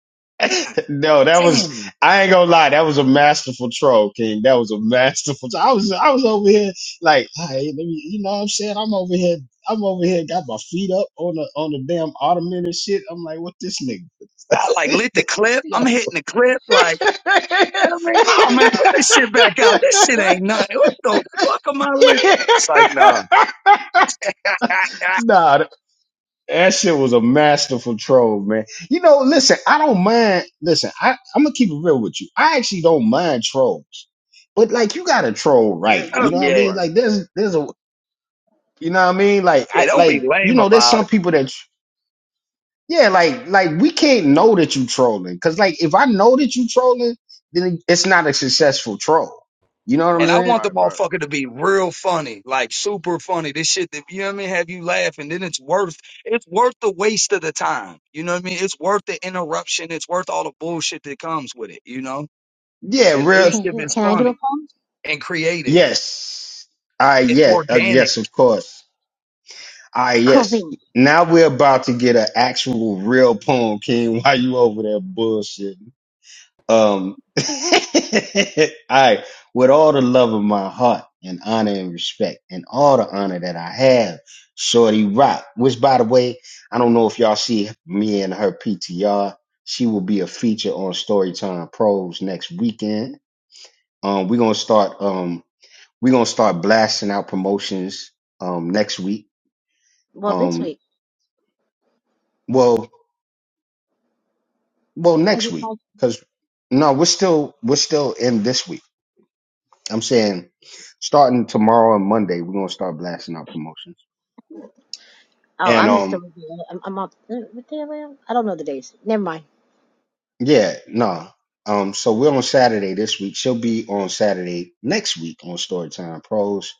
S1: No, that was
S4: Damn.
S1: I ain't gonna lie, that was a masterful troll, King. That was a masterful I was I was over here like, all right, let me you know what I'm saying? I'm over here I'm over here got my feet up on the on the damn ottoman and shit. I'm like, what this nigga?
S4: I like lit the clip. I'm
S1: Yo.
S4: hitting the clip like, I mean, oh man, put this shit back out. This shit ain't nothing. What the fuck am I lit? It's like, nah.
S1: nah, That shit was a masterful troll, man. You know, listen, I don't mind. Listen, I, I'm gonna keep it real with you. I actually don't mind trolls, but like, you gotta troll
S7: Yeah,
S1: right.
S7: you
S4: oh
S1: You
S7: gotta
S1: know what I
S7: do it
S4: yeah.
S1: mean?
S7: right.
S1: Like, there's, there's a, you know what I mean? Like,
S4: Yeah,
S1: I,
S4: don't be
S1: like, you
S4: lame
S1: know, there's
S4: about it.
S1: some people that, yeah, like, like we can't know that you trolling, cause like, if I know that you trolling, then it's not a successful troll. You know what I'm
S4: And
S7: Right,
S4: I
S1: saying?
S4: want the
S7: right, right.
S4: motherfucker to be real funny, like super funny. This shit that you know what I mean, have you laughing. Then it's worth it's worth the waste of the time. You know what I mean? It's worth the interruption. It's worth all the bullshit that comes with it, you know?
S1: Yeah,
S4: At
S1: real.
S4: least if
S3: Can
S4: it's
S3: can I do a
S4: funny
S3: poll?
S4: and creative
S1: Yes. I
S4: and
S1: yeah. Uh,
S4: organic.
S1: yes, of course. All right,
S3: Cool
S1: yes.
S3: beans.
S1: Now we're about to get an actual real poem, King. Why you over there bullshitting? Um, all right. With all the love of my heart and honor and respect and all the honor that I have, Shorty Rock, which by the way, I don't know if y'all see me and her PTR. She will be a feature on Storytime Pros next weekend. Um, we're gonna start um we're gonna start blasting out promotions um next week.
S3: Well, this
S1: Um,
S3: week
S1: well. Well,
S3: because
S1: next
S3: it's
S1: week,
S3: like
S1: because no, we're still we're still in this week. I'm saying starting tomorrow and Monday, we're gonna start blasting out promotions.
S3: oh,
S1: And
S3: I'm still
S1: um,
S3: I'm, I'm up. uh, What day am I? on? I don't know the days. Never mind.
S1: yeah, no, um, so we're on Saturday this week. She'll be on Saturday next week on Storytime Pros.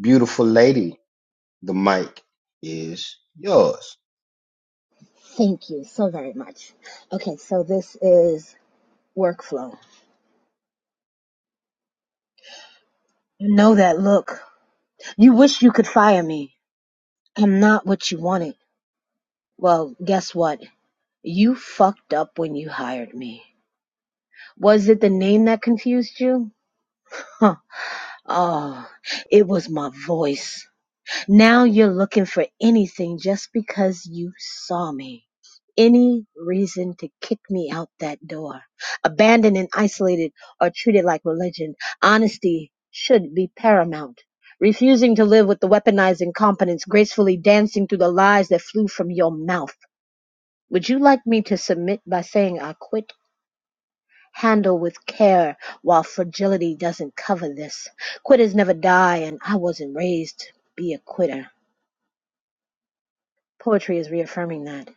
S1: Beautiful lady, the mic is yours.
S3: Thank you so very much. Okay, so this is workflow. You know that look. You wish you could fire me. I'm not what you wanted. Well, guess what? You fucked up when you hired me. Was it the name that confused you? Huh. Oh, it was my voice. Now you're looking for anything just because you saw me. Any reason to kick me out that door. Abandoned and isolated or treated like religion. Honesty should be paramount. Refusing to live with the weaponized incompetence, gracefully dancing through the lies that flew from your mouth. Would you like me to submit by saying I quit? Handle with care while fragility doesn't cover this. Quitters never die, and I wasn't raised to be a quitter. Poetry is reaffirming that.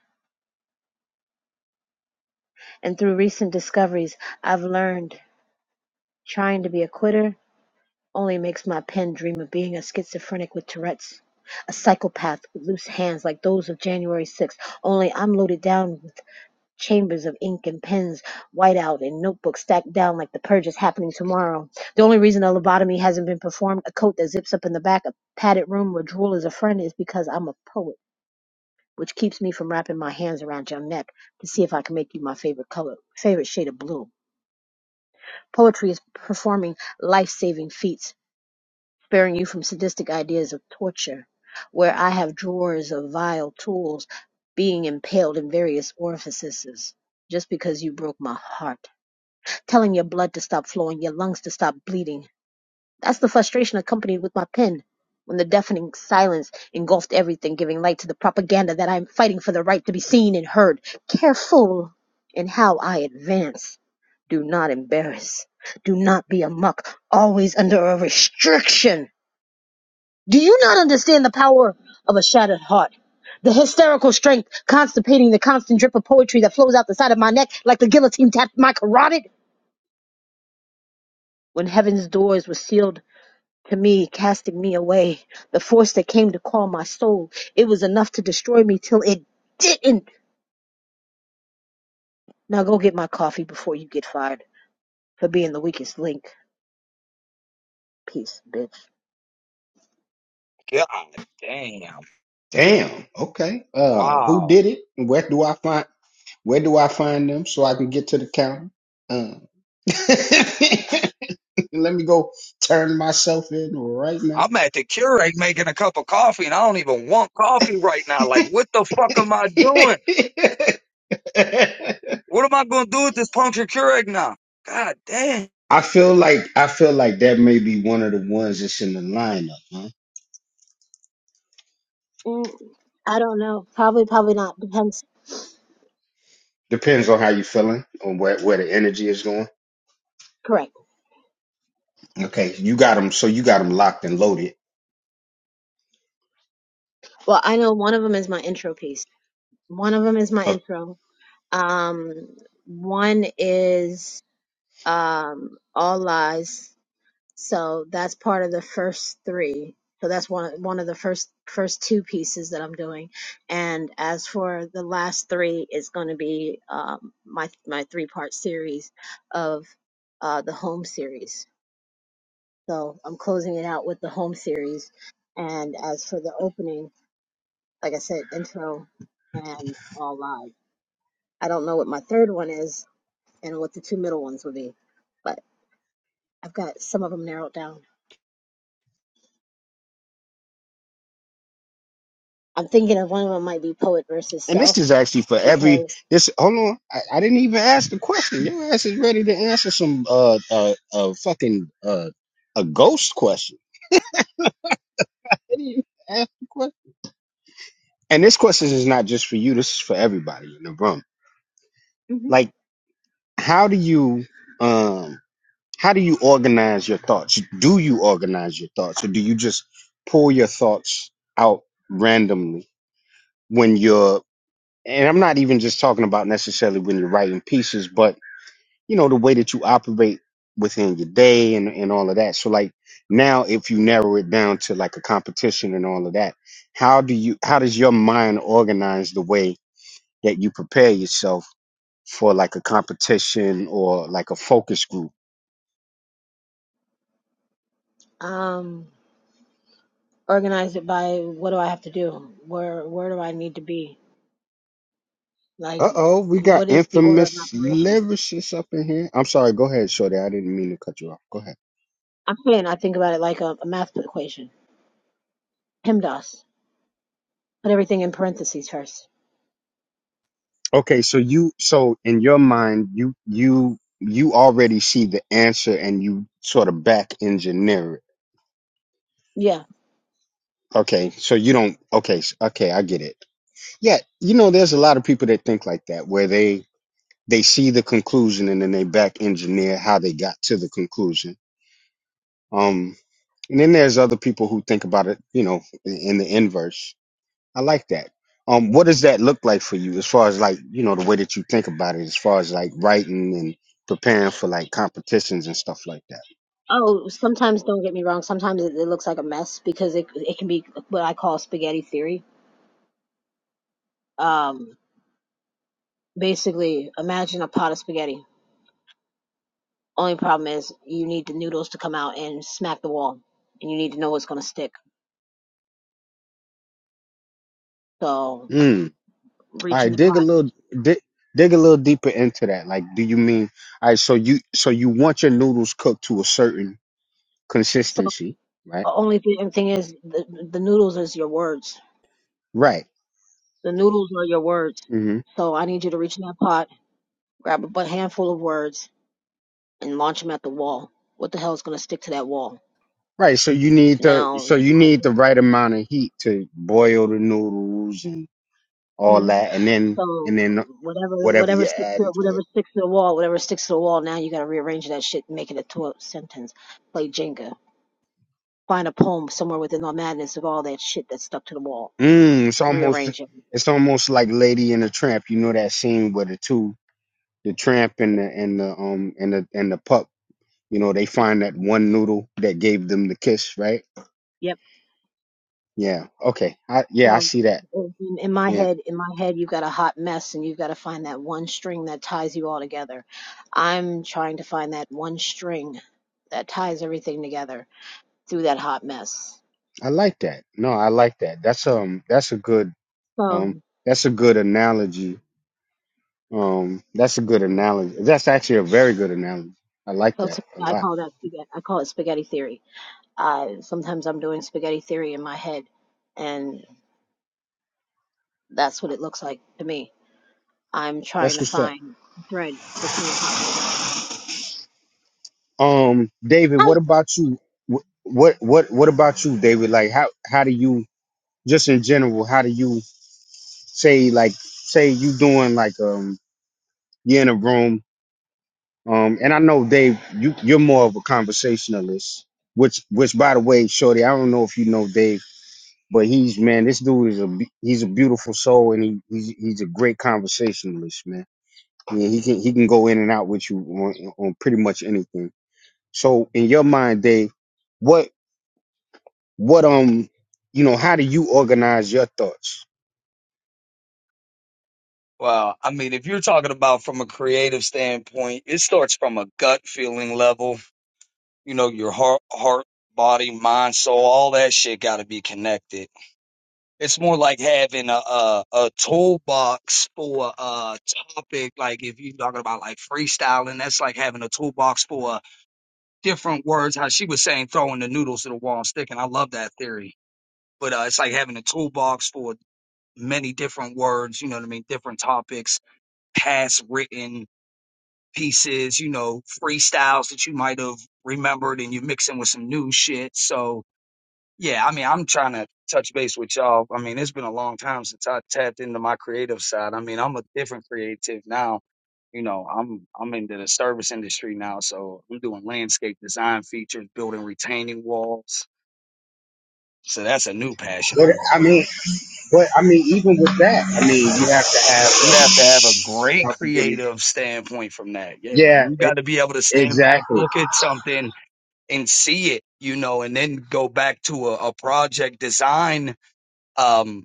S3: And through recent discoveries, I've learned trying to be a quitter only makes my pen dream of being a schizophrenic with Tourette's, a psychopath with loose hands like those of January 6th, only I'm loaded down with chambers of ink and pens, whiteout, and notebooks stacked down like the purge is happening tomorrow. The only reason a lobotomy hasn't been performed, a coat that zips up in the back, a padded room where drool is a friend, is because I'm a poet. which keeps me from wrapping my hands around your neck to see if I can make you my favorite color, favorite shade of blue. Poetry is performing life saving feats, sparing you from sadistic ideas of torture, where I have drawers of vile tools being impaled in various orifices just because you broke my heart, telling your blood to stop flowing, your lungs to stop bleeding, that's the frustration accompanied with my pen. When the deafening silence engulfed everything, giving light to the propaganda that I am fighting for the right to be seen and heard, careful in how I advance. Do not embarrass. Do not be a muck, always under a restriction. Do you not understand the power of a shattered heart? The hysterical strength constipating the constant drip of poetry that flows out the side of my neck like the guillotine tapped my carotid? When heaven's doors were sealed to me, casting me away. The force that came to call my soul, it was enough to destroy me till it didn't. Now go get my coffee before you get fired for being the weakest link. Peace, bitch.
S4: God damn.
S1: Damn. Okay. Um, who
S4: Wow.
S1: did it? Where do I find? Where do I find them so I can get to the counter? Um. let me go turn myself in right now.
S4: I'm at the Keurig making a cup of coffee and I don't even want coffee right now. Like what the fuck am I doing? What am I gonna do with this punctured Keurig now? God damn.
S1: I feel like I feel like that may be one of the ones that's in the lineup, huh?
S3: Mm, I don't know. Probably, probably not. Depends.
S1: Depends on how you're feeling, on where, where the energy is going.
S3: Correct.
S1: Okay, you got them, so you got them locked and loaded.
S3: Well, I know one of them is my intro piece. One of them is my
S1: Okay.
S3: intro. Um, one is um all lies. So that's part of the first three. So that's one one of the first first two pieces that I'm doing. And as for the last three, it's going to be um, my my three part series of uh, the home series. So I'm closing it out with the home series. And as for the opening, like I said, intro and all live. I don't know what my third one is and what the two middle ones will be, but I've got some of them narrowed down. I'm thinking of one of them might be poet versus
S1: And this
S3: self
S1: is actually for every
S3: because
S1: this. Hold on, I, I didn't even ask the question. Your ass is ready to answer some uh uh, uh fucking uh a ghost question. I didn't even ask the question. and this question is not just for you this is for everybody in the room
S3: hmm
S1: like how do you um how do you organize your thoughts do you organize your thoughts or do you just pull your thoughts out randomly when you're and i'm not even just talking about necessarily when you're writing pieces but you know the way that you operate within your day and, and all of that so like now if you narrow it down to like a competition and all of that how do you how does your mind organize the way that you prepare yourself for like a competition or like a focus group.
S3: um organize it by what do I have to do? Where where do I need to be? Like
S1: Uh oh, we got
S3: what is the order of
S1: infamous
S3: operations?
S1: lyricists up in here. I'm sorry, go ahead, Shorty. I didn't mean to cut you off. Go ahead.
S3: I'm saying I think about it like a, a math equation. PEMDAS. Put everything in parentheses first.
S1: Okay, so you so in your mind, you you you already see the answer and you sort of back engineer it.
S3: Yeah.
S1: Okay, so you don't okay, s- okay, I get it. Yeah, you know, there's a lot of people that think like that where they they see the conclusion and then they back engineer how they got to the conclusion. Um, And then there's other people who think about it, you know, in in the inverse. I like that. Um, what does that look like for you as far as like, you know, the way that you think about it, as far as like writing and preparing for like competitions and stuff like that?
S3: Oh, sometimes don't get me wrong. Sometimes it, it looks like a mess because it it can be what I call spaghetti theory. Um, basically, imagine a pot of spaghetti. Only problem is you need the noodles to come out and smack the wall, and you need to know what's going to stick. So
S1: Mm. All
S3: reaching
S1: right,
S3: the
S1: dig a
S3: pot.
S1: little dig, dig a little deeper into that. Like, do you mean all right? So you so you want your noodles cooked to a certain
S3: So
S1: consistency, right?
S3: the only thing, thing is, the, the noodles is your words.
S1: Right.
S3: The noodles are your words.
S1: hmm
S3: So I need you to reach in that pot, grab a bu- handful of words, and launch them at the wall. What the hell is going to stick to that wall?
S1: Right. So you need the
S3: Now,
S1: so you need the right amount of heat to boil the noodles and all
S3: hmm
S1: that, and then
S3: so
S1: and then
S3: whatever
S1: whatever
S3: whatever
S1: you're
S3: sticks to
S1: adding to
S3: whatever
S1: it.
S3: sticks to the wall, whatever sticks to the wall. Now you got to rearrange that shit, and make it into a sentence. Play Jenga. Find a poem somewhere within the madness of all that shit that's stuck to the wall.
S1: Mm, it's almost
S3: Rearrange it.
S1: it's almost like Lady and the Tramp. You know that scene where the two the tramp and the and the um and the and the pup You know, they find that one noodle that gave them the kiss, right?
S3: Yep.
S1: Yeah. Okay. I yeah, I
S3: So
S1: see that.
S3: in, in my
S1: Yeah.
S3: head, in my head, you've got a hot mess and you've got to find that one string that ties you all together. I'm trying to find that one string that ties everything together through that hot mess.
S1: I like that. No, I like that. That's um that's a good
S3: So,
S1: um that's a good analogy. Um that's a good
S3: so
S1: analogy. That's actually a very good analogy. I like that
S3: to,
S1: a
S3: I
S1: lot.
S3: call that spaghetti, I call it spaghetti theory. Uh, sometimes I'm doing spaghetti theory in my head and that's what it looks like to me. I'm trying
S1: That's
S3: to
S1: what's up.
S3: find the thread between the hot mess.
S1: Um David,
S3: Hi.
S1: what about you? Wh- What what what about you, David? Like how how do you just in general, how do you say like say you doing like um you're in a room Um, and I know Dave, you you're more of a conversationalist, which which by the way, Shorty, I don't know if you know Dave, but he's man, this dude is a be- he's a beautiful soul, and he he's, he's a great conversationalist, man. Yeah, he can he can go in and out with you on, on pretty much anything. So in your mind, Dave, what what um you know how do you organize your thoughts?
S4: Well, I mean, if you're talking about from a creative standpoint, it starts from a gut feeling level. You know, your heart, heart, body, mind, soul, all that shit got to be connected. It's more like having a a, a toolbox for a topic. Like if you're talking about like freestyling, that's like having a toolbox for different words. How she was saying, throwing the noodles to the wall and sticking. I love that theory. But uh, it's like having a toolbox for many different words. You know what I mean? Different topics, past written pieces, you know, freestyles that you might have remembered and you're mixing with some new shit. So yeah, I mean, I'm trying to touch base with y'all. I mean, it's been a long time since I tapped into my creative side. I mean, I'm a different creative now. You know, I'm I'm into the service industry now, so I'm doing landscape design features, building retaining walls. So that's a new passion of
S1: What
S4: mine.
S1: I mean, but I mean even with that, I mean you have to have.
S4: You
S1: Um,
S4: have to have a great
S1: God forgive me.
S4: creative standpoint from that. Yeah,
S1: Yeah,
S4: you
S1: e-
S4: got to be able to stand back,
S1: exactly.
S4: look at something, and see it, you know, and then go back to a, a project design um,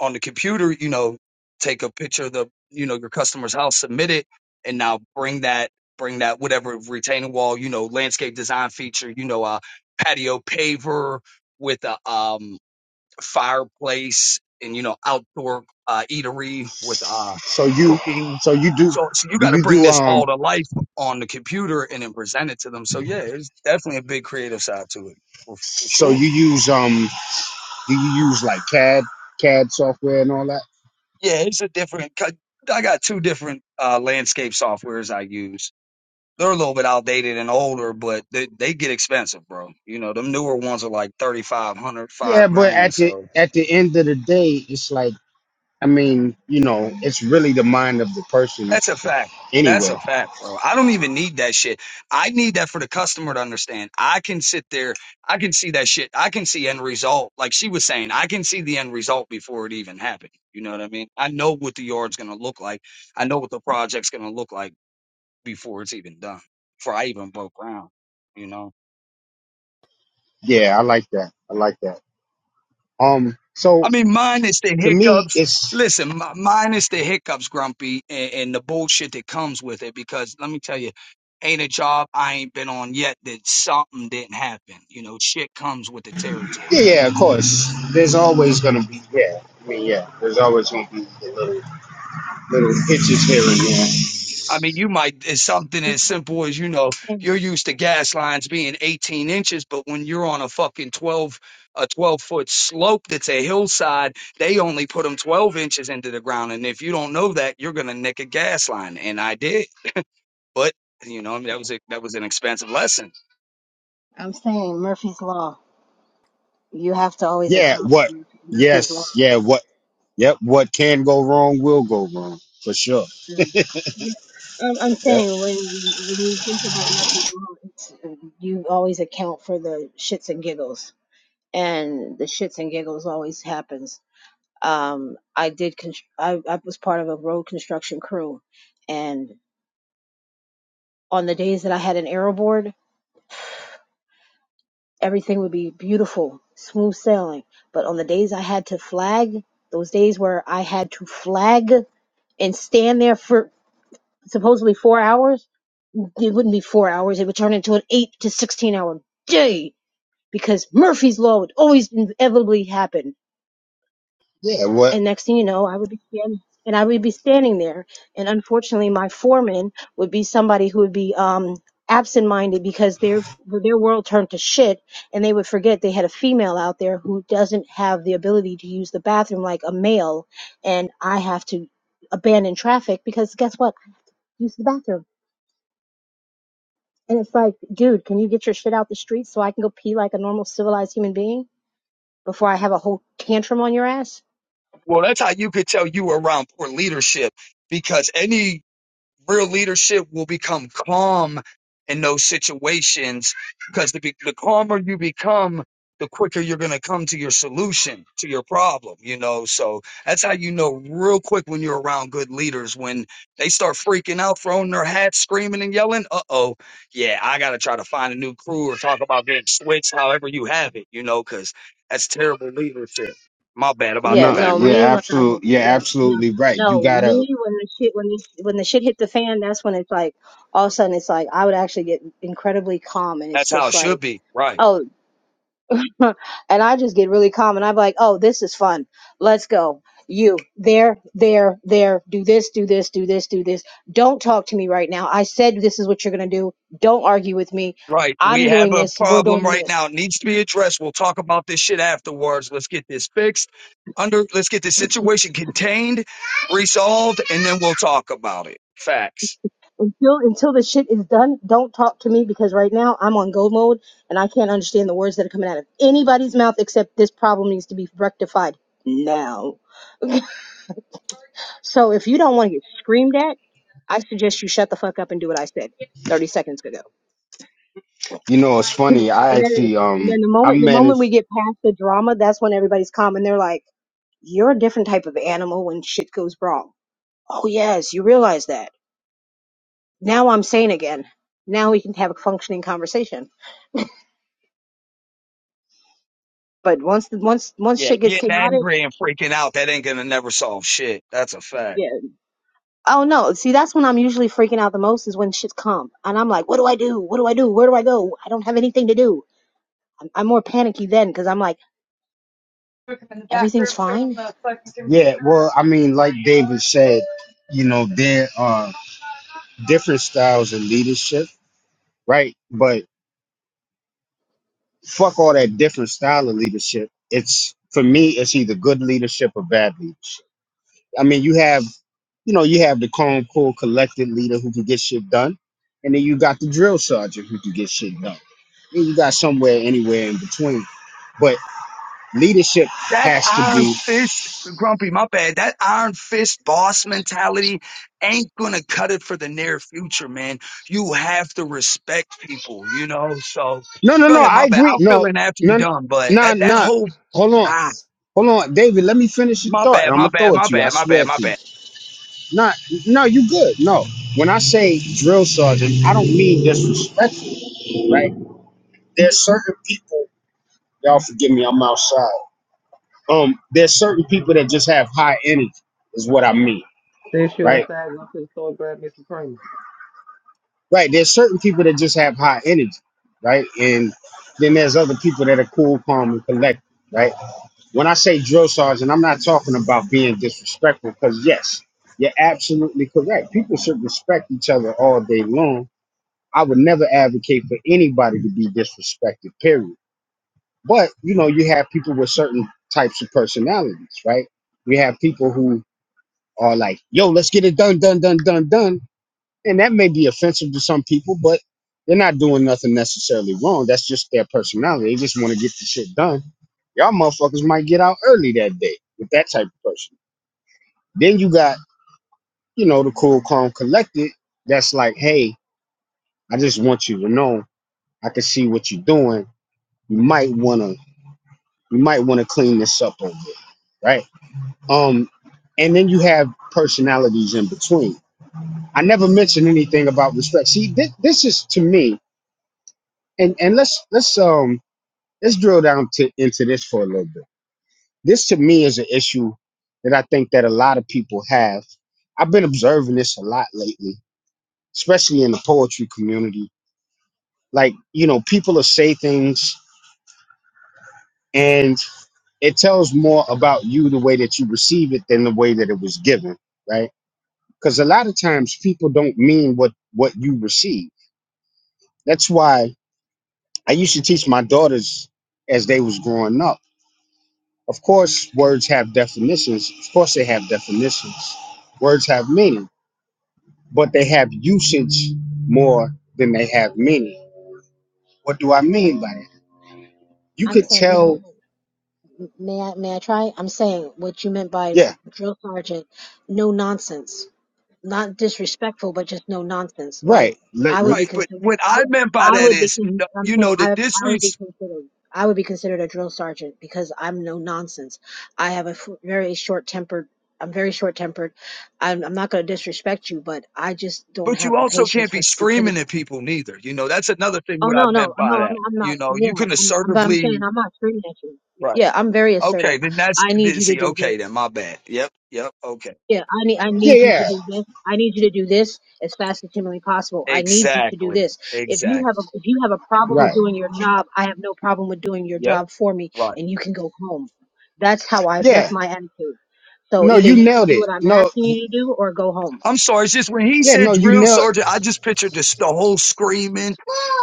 S4: on the computer, you know, take a picture of the, you know, your customer's house, submit it, and now bring that, bring that whatever retaining wall, you know, landscape design feature, you know, a patio paver with a um fireplace and you know outdoor uh, eatery with uh,
S1: So you,
S4: cooking.
S1: so you do,
S4: So, so you
S1: do
S4: got to
S1: you
S4: bring
S1: do
S4: this all
S1: um?
S4: to life on the computer and then present it to them. So yeah, there's definitely a big creative side to it for, for
S1: So
S4: sure.
S1: you use um? Do you use like CAD, CAD software and all that?
S4: Yeah, it's a different. cut- I got two different uh, landscape softwares I use. They're a little bit outdated and older, but they, they get expensive, bro. You know, them newer ones are like thirty five hundred,
S1: Yeah,
S4: five
S1: but
S4: grand.
S1: at the
S4: So
S1: at the end of the day, it's like I mean, you know, it's really the mind of the person
S4: That's a fact. That's
S1: anyway.
S4: a fact, bro. I don't even need that shit. I need that for the customer to understand. I can sit there, I can see that shit. I can see end result. Like she was saying, I can see the end result before it even happened. You know what I mean? I know what the yard's gonna look like. I know what the project's gonna look like before it's even done, before I even broke ground. You know?
S1: Yeah, I like that. I like that. Um, so
S4: I mean, minus the
S1: for me,
S4: hiccups.
S1: it's
S4: Listen, mi- minus the hiccups, Grumpy, and, and the bullshit that comes with it. Because let me tell you, ain't a job I ain't been on yet that something didn't happen. You know, shit comes with the
S1: yeah,
S4: territory. You
S1: yeah, of
S4: know, and that's
S1: course.
S4: just.
S1: There's always gonna be yeah. I mean, yeah, there's always gonna be the little little hitches here and there.
S4: I mean, you might it's something
S3: I'm
S4: as simple as you know
S3: saying
S4: you're used to gas lines being 18 inches, but when you're on a fucking 12 a 12 foot slope that's a hillside they only put them 12 inches into the ground. And if you don't know that, you're going to nick a gas line. And I did. But you know, I mean, that was a, that was an expensive lesson.
S3: I'm saying Murphy's Law You have to always
S1: Yeah,
S3: account for
S1: what?
S3: Murphy, Murphy's law.
S1: Yes, yeah, what? Yep. What can go wrong will go wrong for sure.
S3: Mm. Yeah. Um, I'm
S1: Yep.
S3: saying when you when you think about Murphy's law, it's uh, you always account for the shits and giggles, and the shits and giggles always happens. Um, I did. Const- I I was part of a road construction crew, and on the days that I had an aero board, everything would be beautiful, smooth sailing. But on the days I had to flag, those days where I had to flag and stand there for supposedly four hours it wouldn't be four hours. It would turn into an eight to 16 hour day because Murphy's Law would always inevitably happen.
S1: Yeah. What?
S3: And next thing you know, I would be standing and I would be standing there. And unfortunately, my foreman would be somebody who would be, um, absent minded because their, their world turned to shit and they would forget they had a female out there who doesn't have the ability to use the bathroom like a male. And I have to abandon traffic because guess what? I Use the bathroom And it's like, dude, can you get your shit out the street so I can go pee like a normal civilized human being before I have a whole tantrum on your ass?
S4: Well, that's how you could tell you were around poor leadership because any real leadership will become calm in those situations because the, be- the calmer you become the quicker you're going to come to your solution to your problem you know so that's how you know real quick when you're around good leaders when they start freaking out throwing their hats screaming and yelling uh-oh yeah i gotta try to find a new crew or talk about getting switched however you have it you know because that's terrible leadership my bad about the
S3: Yeah,
S1: No.
S3: no,
S1: Yeah.
S4: background
S3: me when I
S1: Absolute. Yeah.
S3: yeah, no,
S1: Absolutely right. You
S3: no,
S1: gotta.
S3: me when the shit when the when the shit hit the fan, that's when it's like all of a sudden it's like I would actually get incredibly calm and it's
S4: that's how
S3: just
S4: it should
S3: like,
S4: be right
S3: oh, and I just get really calm and I'm like, oh, this is fun. Let's go. You there, there, there. Do this, do this, do this, do this. Don't talk to me right now. I said this is what you're gonna do. Don't argue with me.
S4: Right. We
S3: I'm
S4: have
S3: doing
S4: a
S3: this. We're
S4: problem
S3: doing
S4: right
S3: this
S4: now. It needs to be addressed. We'll talk about this shit afterwards. Let's get this fixed. Under let's get this situation contained, resolved, and then we'll talk about it. Facts.
S3: until until the shit is done. Don't talk to me because right now I'm on go mode and I can't understand the words that are coming out of anybody's mouth except this problem needs to be rectified now. So if you don't want to get screamed at, I suggest you shut the fuck up and do what I said 30 seconds ago.
S1: You know, it's
S3: and
S1: funny. I
S3: then
S1: actually
S3: and
S1: um
S3: then the
S1: I
S3: moment the moment we
S1: managed.
S3: get past the drama, that's when everybody's calm and they're like, "You're a different type of animal when shit goes wrong." Oh yes, you realize that. Now I'm sane again. Now we can have a functioning conversation. But once the, once once
S4: Yeah,
S3: shit gets
S4: getting
S3: chaotic,
S4: angry and freaking out, that ain't gonna never solve shit. That's a fact.
S3: yeah. Oh no, see that's when I'm usually freaking out the most is when shit's calm and I'm like, "What do I do? What do I do? Where do I go? I don't have anything to do." I'm, I'm more panicky then because I'm like,
S1: Took him in the back
S3: "Everything's
S1: room, showed him
S3: fine."
S1: the fucking computer. Yeah. Well, I mean, like David said, you know, there are different styles of leadership, right? But fuck all that different style of leadership. It's for me, it's either good leadership or bad leadership. I mean, you have you know, you have the calm, cool, collected leader who can get shit done, and then you got the drill sergeant who can get shit done. And you got somewhere anywhere in between. But leadership
S4: that
S1: has to
S4: iron
S1: be
S4: fist, Grumpy, my bad, that iron fist boss mentality ain't gonna cut it for the near future, man. You have to respect people, you know? So
S1: no, no,
S4: go
S1: no.
S4: ahead,
S1: I
S4: my bad.
S1: agree.
S4: I'll fill
S1: No,
S4: in after you're
S1: no,
S4: done, but
S1: no,
S4: that, that
S1: no.
S4: whole,
S1: Hold on,
S4: ah,
S1: hold on, David. Let me finish your
S4: my
S1: thought, and
S4: bad,
S1: I'm
S4: my
S1: gonna throw
S4: bad,
S1: it
S4: my
S1: to you. I
S4: bad, my
S1: swear
S4: bad, my
S1: to you.
S4: bad.
S1: Not, no, you good. No. When I say drill sergeant, I don't mean disrespectful, right? There's certain people. Y'all forgive me. I'm outside. um there's certain people that just have high energy is what i mean
S2: since you
S1: right
S2: outside, go to the store and grab me some cream.
S1: right there's certain people that just have high energy right and then there's other people that are cool calm and collected right when i say drill sergeant i'm not talking about being disrespectful because yes you're absolutely correct people should respect each other all day long i would never advocate for anybody to be disrespected period but you know you have people with certain types of personalities right we have people who are like, yo, let's get it done, done, done, done, done. And that may be offensive to some people, but they're not doing nothing necessarily wrong. That's just their personality. They just want to get the shit done. Y'all motherfuckers might get out early that day with that type of person. Then you got, you know, the cool, calm, collected. That's like, hey, I just want you to know I can see what you're doing. You might wanna, you might wanna clean this up over, right? Um, and then you have personalities in between I never mentioned anything about respect. See, this, this is to me, and and let's let's um let's drill down to into this for a little bit. This to me is an issue that I think that a lot of people have. I've been observing this a lot lately, especially in the poetry community. Like you know, people will say things, and it tells more about you the way that you receive it than the way that it was given, right? Because a lot of times people don't mean what what you receive. That's why I used to teach my daughters as they was growing up. Of course, words have definitions. Of course, they have definitions. Words have meaning, but they have usage more than they have meaning. What do I mean by that? You
S3: I'm
S1: could
S3: saying, "Man."
S1: tell,
S3: May I may I try? I'm saying what you meant by
S1: yeah,
S3: drill sergeant, no nonsense. Not disrespectful, but just no nonsense. Like
S1: right, like,
S3: I would be
S4: Right, but
S3: considered.
S4: what
S3: I
S4: I
S3: would,
S4: meant by
S3: I
S4: that
S3: would be.
S4: is,
S3: con-
S4: no-
S3: I'm
S4: you
S3: saying
S4: know, the
S3: I I would be
S4: disres,
S3: considered. I would be considered a drill sergeant because I'm no nonsense. I have a f- very short tempered. I'm very short tempered. I'm, I'm not going to disrespect you, but I just don't
S4: but you
S3: have the
S4: also
S3: patience
S4: can't be
S3: for stupidity.
S4: screaming at people neither. You know, that's another thing
S3: Oh
S4: what I
S3: no, no,
S4: meant
S3: no,
S4: by
S3: I'm,
S4: that.
S3: I'm not.
S4: You know, you
S3: Yeah,
S4: can
S3: I'm, I'm, but I'm saying
S4: assertively,
S3: I'm not screaming at you.
S4: right.
S3: Yeah, I'm very
S4: Okay,
S3: assertive.
S4: then that's
S3: I need
S4: th-
S3: you to
S4: see.
S3: do this.
S4: Okay, then my bad. Yep, yep. Okay,
S3: Yeah, I need, I
S1: yeah,
S3: need you to
S1: yeah,
S3: do this. I need you to do this as fast as humanly possible. I need you to do
S4: exactly,
S3: this. If you have
S4: exactly.
S3: a, if you have a problem with
S1: right,
S3: doing your job, I have no problem with doing your
S4: Yep,
S3: job for me,
S4: right.
S3: and you can go home. That's how I. That's
S1: yeah.
S3: my attitude. So
S1: No,
S3: either
S1: you
S3: you can
S1: nailed
S3: do
S1: it.
S3: what I'm
S1: No,
S3: asking you to do, or go home.
S4: I'm sorry. It's just when he
S1: yeah,
S4: said
S1: no, you
S4: drill
S1: nailed.
S4: sergeant, I just pictured just the whole screaming.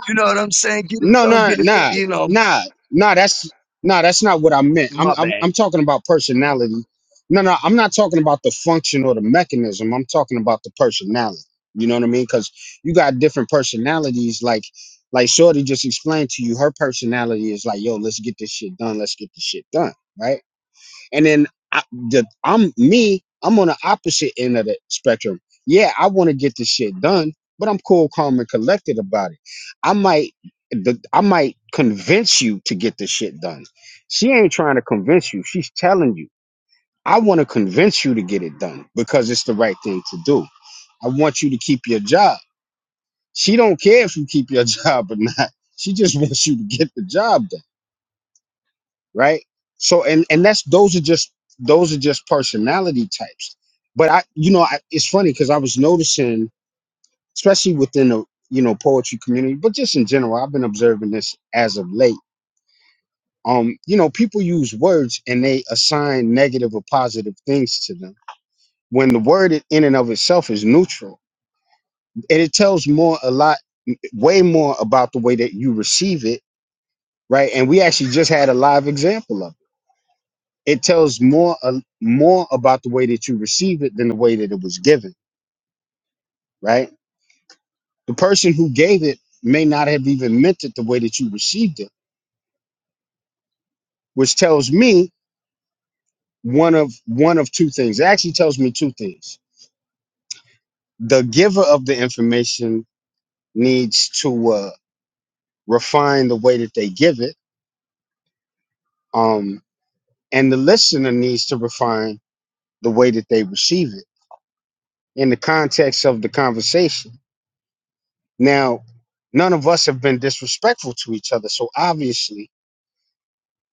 S4: You know what I'm saying? Get it
S1: No,
S4: done,
S1: no,
S4: get it done.
S1: nah,
S4: You know,
S1: nah, nah. That's nah. That's not what I meant. I'm,
S4: my
S1: I'm,
S4: bad.
S1: I'm talking about personality. No, no, I'm not talking about the function or the mechanism. I'm talking about the personality. You know what I mean? Because you got different personalities. Like, like Shorty just explained to you, her personality is like, yo, let's get this shit done. Let's get this shit done, right? And then I, the, I'm me. I'm on the opposite end of the spectrum. Yeah, I want to get this shit done, but I'm cool, calm, and collected about it. I might, the, I might convince you to get this shit done. She ain't trying to convince you. She's telling you. I want to convince you to get it done because it's the right thing to do. I want you to keep your job. She don't care if you keep your job or not. She just wants you to get the job done right so and and that's those are just those are just personality types but i you know I, it's funny because i was noticing especially within the you know poetry community but just in general i've been observing this as of late um you know people use words and they assign negative or positive things to them when the word in and of itself is neutral and it tells more a lot way more about the way that you receive it right and we actually just had a live example of it it tells more uh, more about the way that you receive it than the way that it was given right the person who gave it may not have even meant it the way that you received it which tells me one of one of two things it actually tells me two things the giver of the information needs to uh, refine the way that they give it um, and the listener needs to refine the way that they receive it in the context of the conversation Now, none of us have been disrespectful to each other. So obviously,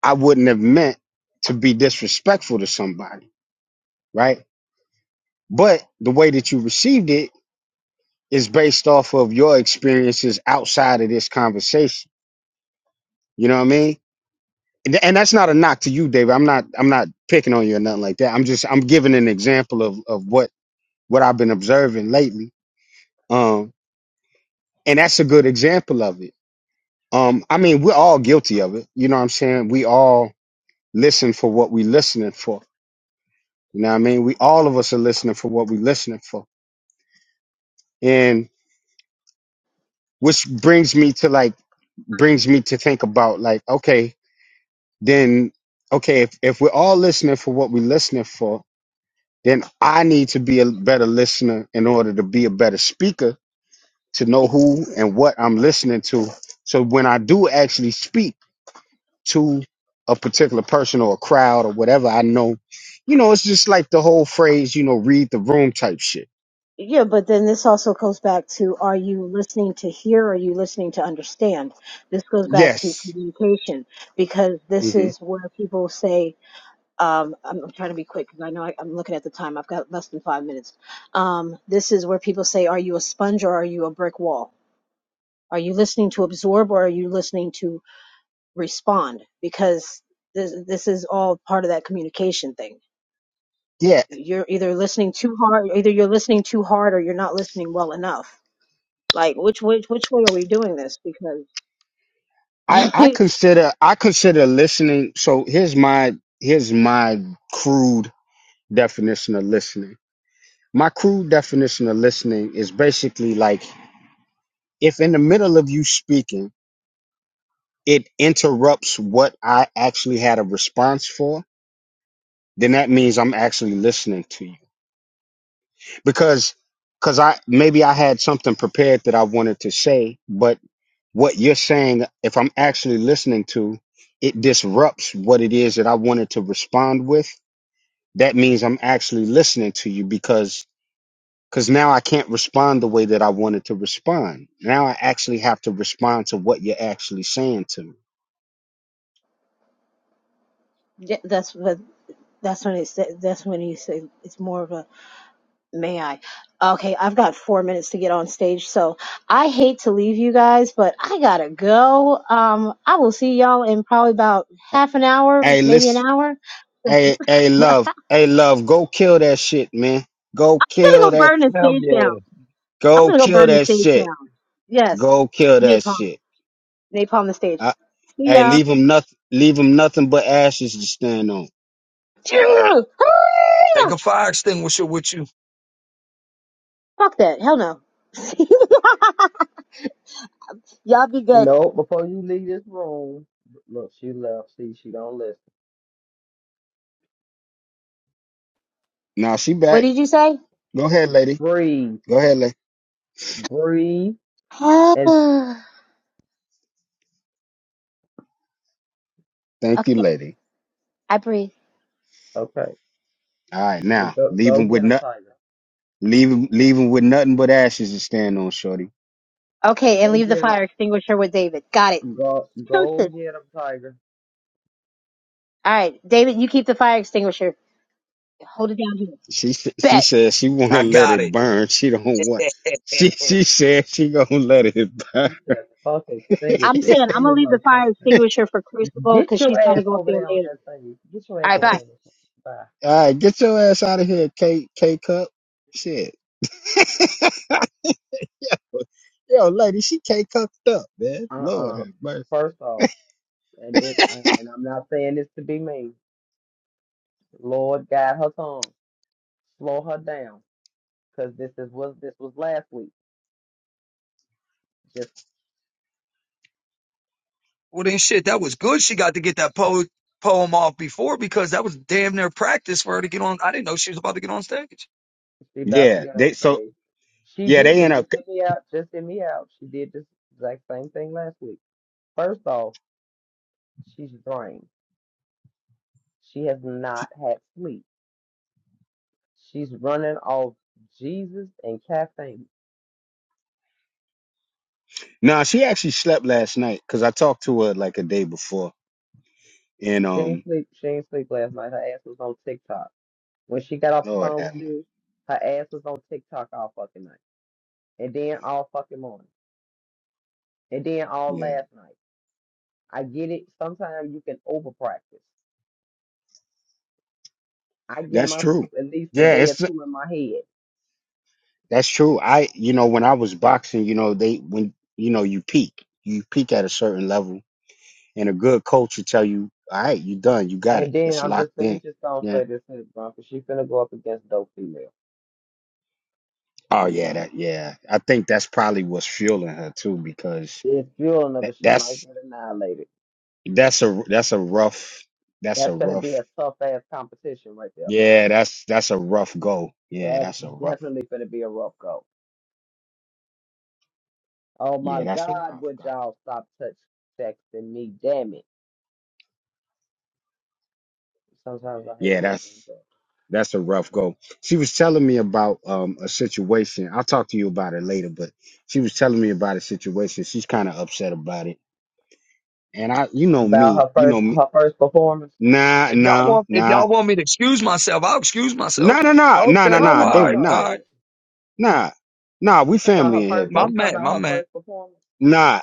S1: I wouldn't have meant to be disrespectful to somebody, right? But the way that you received it is based off of your experiences outside of this conversation. You know what I mean? And and that's not a knock to you, David. I'm not I'm not picking on you or nothing like that. I'm just I'm giving an example of of what what I've been observing lately. Um and that's a good example of it. Um I mean, we're all guilty of it. You know what I'm saying? We all listen for what we listening for. You know what I mean? We all of us are listening for what we listening for. And which brings me to like brings me to think about like, okay, then okay, if, if we're all listening for what we're listening for, then I need to be a better listener in order to be a better speaker, to know who and what I'm listening to. So when I do actually speak to a particular person or a crowd or whatever, I know, you know, it's just like the whole phrase, you know, read the room type shit
S3: Yeah, but then this also goes back to are you listening to hear or are you listening to understand? This goes back to
S1: Yes.
S3: communication because this
S1: hmm
S3: is where people say, um, I'm, I'm trying to be quick because I know I, I'm looking at the time. I've got less than five minutes. Um, this is where people say, are you a sponge or are you a brick wall? Are you listening to absorb or are you listening to respond? Because this, this is all part of that communication thing.
S1: Yeah.
S3: You're either listening too hard, either you're listening too hard or you're not listening well enough Like which which which way are we doing this? Because
S1: I, I consider I consider listening. So here's my here's my crude definition of listening. My crude definition of listening is basically like if in the middle of you speaking, it interrupts what I actually had a response for, then that means I'm actually listening to you. Because because I maybe I had something prepared that I wanted to say, but what you're saying, if I'm actually listening to, it disrupts what it is that I wanted to respond with. That means I'm actually listening to you because because now I can't respond the way that I wanted to respond. Now I actually have to respond to what you're actually saying to me.
S3: Th- That's what that's when it said that's when he said it's more of a may I? Okay, I've got four minutes to get on stage, so I hate to leave you guys, but I gotta go. Um, I will see y'all in probably about half an hour,
S1: Hey,
S3: maybe an
S1: listen,
S3: hour. So
S1: hey, hey, love, hey, love, go kill that shit, man. Go
S3: I'm
S1: kill
S3: gonna go
S1: that,
S3: burn the
S4: Hell
S3: stage down.
S4: yeah.
S3: I'm
S1: go
S3: gonna go
S1: kill
S3: burn the
S1: that
S3: stage
S1: shit.
S3: down. Yes,
S1: Go kill that
S3: napalm,
S1: shit.
S3: napalm the stage.
S1: I,
S3: See
S1: hey,
S3: ya.
S1: leave him nothing, leave him nothing but ashes to stand on.
S4: Take a fire extinguisher with you.
S3: Fuck that. Hell no. Y'all be good.
S2: No, before you leave this room, look, she left. See, she don't listen.
S1: Now she
S3: What
S1: back.
S3: did you say?
S1: Go ahead, lady.
S2: Breathe,
S1: Go ahead, lady.
S2: breathe,
S3: okay,
S2: and
S1: Thank you, lady.
S3: I breathe.
S2: okay.
S1: All right,
S2: And
S1: now
S2: go,
S1: leave
S2: go
S1: him with
S2: get him,
S1: not
S2: Tiger.
S1: leave him leave him with nothing but ashes to stand on, shorty.
S3: Okay, and
S2: Go
S3: leave the
S2: get
S3: fire extinguisher with David. Got it.
S2: him. Go, go
S3: Deuces.
S2: get him, Tiger.
S3: All right, David, you keep the fire extinguisher. Hold it down here.
S1: She s- she
S3: Bet.
S1: said she want to
S4: I
S1: let
S4: got
S1: it
S4: it.
S1: burn. She don't want. She she said she gonna let it burn.
S2: She said, "Fuck
S3: I'm
S2: extinguishing
S3: saying I'm
S2: any
S3: gonna leave the
S2: motherfucking
S3: fire
S2: thing."
S3: extinguisher for Crucible
S2: Get
S3: because
S2: your
S3: she's got to
S2: ass
S3: go up
S2: over
S3: there
S2: there on
S3: later.
S2: that thing. Get your ass
S3: All right,
S2: over there
S3: bye.
S2: on that thing. Bye.
S1: All right, get your ass out of here, K K cup. Shit. Yo, yo, lady, she K cupped up, man. Lord
S2: Uh-uh.
S1: have mercy.
S2: First off, and this, I, and I'm not saying this to be mean. Lord, guide her tongue, slow her down, because this is was this was last week. Just
S4: well then, shit. That was good. She got to get that po- poem off before because that was damn near practice for her to get on. I didn't know she was about to get on stage.
S2: she about to
S1: Yeah,
S2: get on
S1: they so
S2: stage. She
S1: yeah
S2: did,
S1: they
S2: but
S1: end up.
S2: just hit me out. Just hit me out. She did this exact same thing last week. First off, she's drained. She has not had sleep. She's running off Jesus and caffeine.
S1: No, she actually slept last night because I talked to her like a day before. And
S2: She didn't
S1: um,
S2: sleep. She didn't sleep last night. Her ass was on TikTok. When she got off the
S1: Lord
S2: phone with
S1: have mercy.
S2: you, her ass was on TikTok all fucking night, and then all fucking morning, and then all
S1: Yeah,
S2: last night. I get it. Sometimes you can over practice. I give
S1: that's true.
S2: myself at least a
S1: Yeah,
S2: day or
S1: it's
S2: two in my head.
S1: that's true. I you know when I was boxing, you know they when you know you peak, you peak at a certain level, and a good coach will tell you, all right, you done, you got it,
S2: And then
S1: it's
S2: I'm
S1: locked
S2: just, let me
S1: in.
S2: just don't
S1: Yeah.
S2: say this here, bro, 'cause she finna go up against dope female.
S1: Oh yeah, that yeah. I think that's probably what's fueling her too because
S2: It's fueling her,
S1: that,
S2: but she might
S1: that's
S2: get annihilated.
S1: that's a that's a rough that's
S2: That's
S1: a
S2: gonna be
S1: rough
S2: a tough ass competition right there.
S1: yeah that's that's a rough go yeah
S2: That's
S1: that's a rough
S2: definitely gonna be a rough go. Oh my
S1: yeah that's a
S2: God,
S1: rough
S2: would
S1: go
S2: y'all stop touch texting me? Damn it. Sometimes I hate
S1: yeah
S2: on the same
S1: that's.
S2: thing.
S1: That's a rough go. She was telling me about um, a situation. I'll talk to you about it later, but she was telling me about a situation. She's kind of upset about it. And I, you know
S2: About
S1: me,
S2: her
S1: you
S2: first,
S1: know me.
S2: her first performance.
S1: Nah,
S4: If y'all
S1: nah,
S4: want, if
S1: nah,
S4: y'all want me to excuse myself, I'll excuse myself.
S1: nah, nah, nah, nah, nah,
S4: Okay,
S2: Oh
S1: nah,
S4: all
S2: no,
S4: right,
S1: David,
S2: no, it
S4: all
S1: nah,
S4: right.
S2: ain't.
S1: nah, nah. We
S2: You talking about
S1: family in
S2: her
S1: here,
S2: first?
S4: My
S1: bro.
S2: You talking
S4: man,
S2: about
S4: my
S2: her
S4: man.
S2: first performance?
S1: Nah,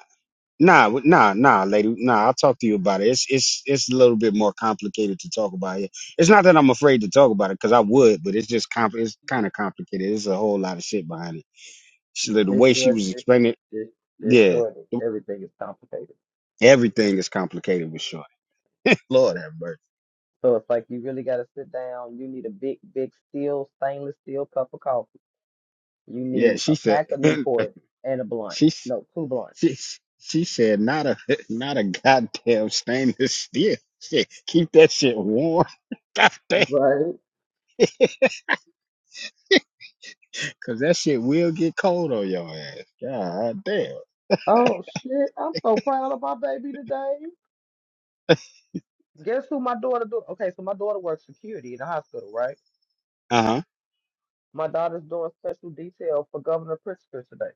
S1: nah, w- nah, nah, lady, nah. I'll talk to you about it. It's it's it's a little bit more complicated to talk about here. It's not that I'm afraid to talk about it because I would, but it's just compl- It's kind of complicated. There's a whole lot of shit behind it She, the
S2: This
S1: way she
S2: short,
S1: was
S2: this
S1: explaining,
S2: this this short,
S1: yeah,
S2: everything is complicated.
S1: everything is complicated with Shorty. Lord have mercy.
S2: So it's like you really got to sit down. You need a big, big steel, stainless steel cup of coffee. You
S1: Yeah,
S2: need a
S1: she said
S2: pack of Newport and a blunt.
S1: she
S2: No, two blunts.
S1: she she said not a not a goddamn stainless steel. Shit, keep that shit warm. God damn.
S2: Right.
S1: Cause that shit will get cold on your ass. God damn.
S2: Oh shit! I'm so proud of my baby today. Guess who my daughter do? Okay, so my daughter works security in the hospital, right?
S1: Uh huh.
S2: My daughter's doing special detail for Governor Pritzker today.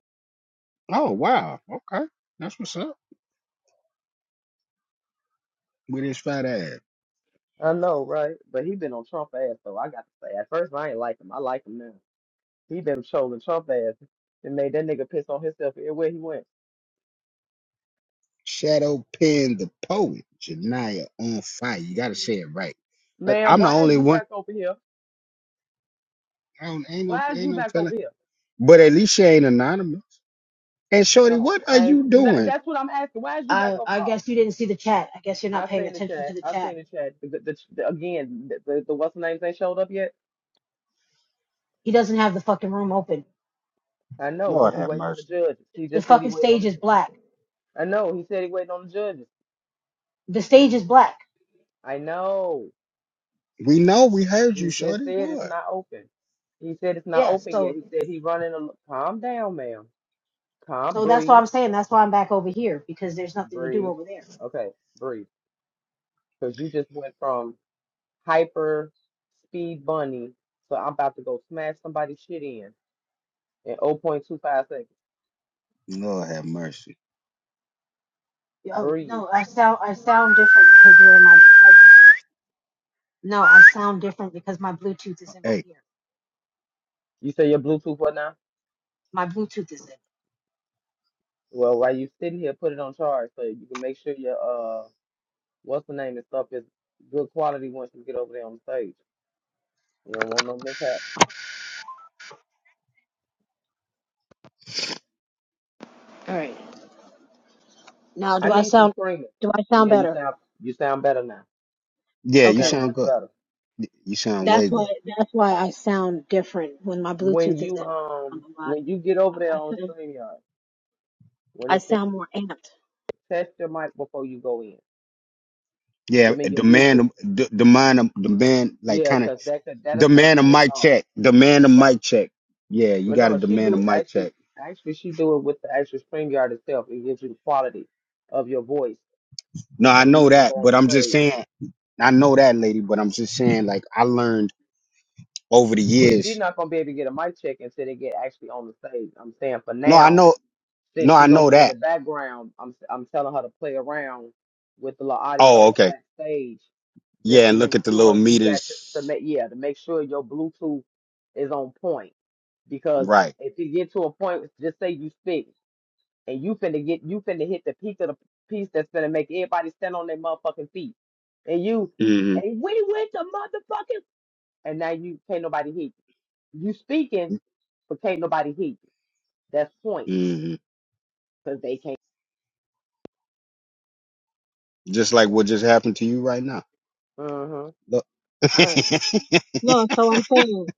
S1: Oh wow. Okay. That's what's up with his fat ass.
S2: I know, right? But he been on Trump ass, so I got to say, at first I ain't like him. I like him now. He been trolling Trump ass and made that nigga piss on himself everywhere he went.
S1: Shadow Pen the poet, Janaya on fire. You gotta say it right. I-
S2: Ma'am,
S1: I'm the
S2: why is
S1: only
S2: you
S1: one.
S2: back over here?
S1: I don't, ain't no
S2: Why is
S1: ain't
S2: you
S1: no
S2: back
S1: telling.
S2: over here?
S1: But at least she ain't anonymous. And Shorty,
S2: No,
S1: what are
S2: I ain't.
S1: you
S2: That,
S1: doing?
S2: that's what I'm asking. Why is you back
S3: I
S2: over?
S3: I
S2: Oh,
S3: guess you didn't see the chat. I guess you're not
S2: I
S3: paying
S2: seen the
S3: attention
S2: chat.
S3: to the
S2: I seen
S3: chat.
S2: the chat. The, the, the, again, the, the, the what's the names ain't showed up yet.
S3: He doesn't have the fucking room open.
S2: I know, cause
S1: Lord
S2: he
S1: have
S2: waiting on the
S1: mercy.
S2: judges. He
S3: The
S2: just said he
S3: fucking
S2: waiting on
S3: stage
S2: the.
S3: is
S2: ju-
S3: black.
S2: I know. He said he waiting on the judges.
S3: The stage is black.
S2: I know.
S1: We know we heard
S2: He
S1: you,
S2: just
S1: Shorty.
S2: said it's
S1: Lord.
S2: not open. He said it's not
S3: Yeah,
S2: open yet.
S3: so
S2: He said he running a. Calm down, ma'am. Calm,
S3: so that's why
S2: breathe.
S3: I'm saying that's why I'm back over here because there's nothing to do
S2: Breathe.
S3: over there.
S2: Okay, breathe. Because you just went from hyper speed bunny to I'm about to go smash somebody's shit in in 0.25 seconds.
S1: Lord have mercy.
S3: Oh
S2: Breathe.
S3: no, I sound I sound different because you're in my. I, no, I sound different because my Bluetooth is in my
S1: Hey,
S3: ear.
S2: You say your Bluetooth what now?
S3: My Bluetooth is in.
S2: Well, while you sitting here, put it on charge so you can make sure your uh what's the name and stuff is good quality once you get over there on the stage. You don't want no mishap.
S3: All right. Now,
S2: I
S3: do I
S2: need some
S3: sound
S2: creaming.
S3: do I sound
S2: Yeah, you
S3: better?
S2: sound you sound better now.
S1: yeah,
S2: You
S1: you
S3: Okay,
S2: sound
S1: sound
S2: much
S1: good.
S2: better.
S1: You sound
S3: that's
S1: way
S3: why
S1: good.
S3: that's why I sound different when my
S2: When
S3: Bluetooth is
S2: you
S3: in. I'm
S2: um
S3: a
S2: when you get over there
S3: I
S2: on
S3: sound
S2: StreamYard, when
S3: I
S2: it's
S3: sound more amped.
S2: Test your mic before you go in. I
S1: Yeah,
S2: mean your
S1: demand
S2: Bluetooth.
S1: a- d- demand a- demand like
S2: Yeah,
S1: kind of
S2: cause that could that'll take
S1: demand a
S2: points
S1: mic
S2: off.
S1: check. Demand a
S2: Right.
S1: mic check. Yeah, you
S2: But
S1: gotta
S2: no, she
S1: demand a
S2: do it-
S1: mic
S2: actually
S1: check.
S2: actually she do it with the actual StreamYard itself. It gives you the quality of your voice
S1: No, I
S2: before you
S1: know
S2: even
S1: that,
S2: go on
S1: but I'm
S2: the
S1: just
S2: stage.
S1: saying I know that lady, but I'm just saying like I learned over the
S2: Well, she's
S1: years.
S2: not gonna be able to get a mic check until they get actually on the stage. I'm saying for
S1: No, I
S2: now,
S1: know
S2: Since
S1: no,
S2: she
S1: I
S2: gonna
S1: know
S2: be in the
S1: that.
S2: background, I'm I'm telling her to play around with the little
S1: Oh,
S2: audio
S1: okay.
S2: backstage just
S1: Yeah,
S2: to
S1: and look
S2: make
S1: at the little
S2: sure you got your to
S1: meters.
S2: make yeah to make sure your Bluetooth is on point. Because
S1: Right.
S2: if you get to a point, just say you speak and you finna get you finna hit the peak of the piece that's gonna make everybody stand on their motherfucking feet. And you
S1: hmm
S2: and we went to motherfucking and now you can't nobody hear you. You speaking, but can't nobody hear you. That's points
S1: hmm
S2: because they can't.
S1: Just like what just happened to you right now.
S2: hmm
S1: Look.
S3: All right. No, so I'm saying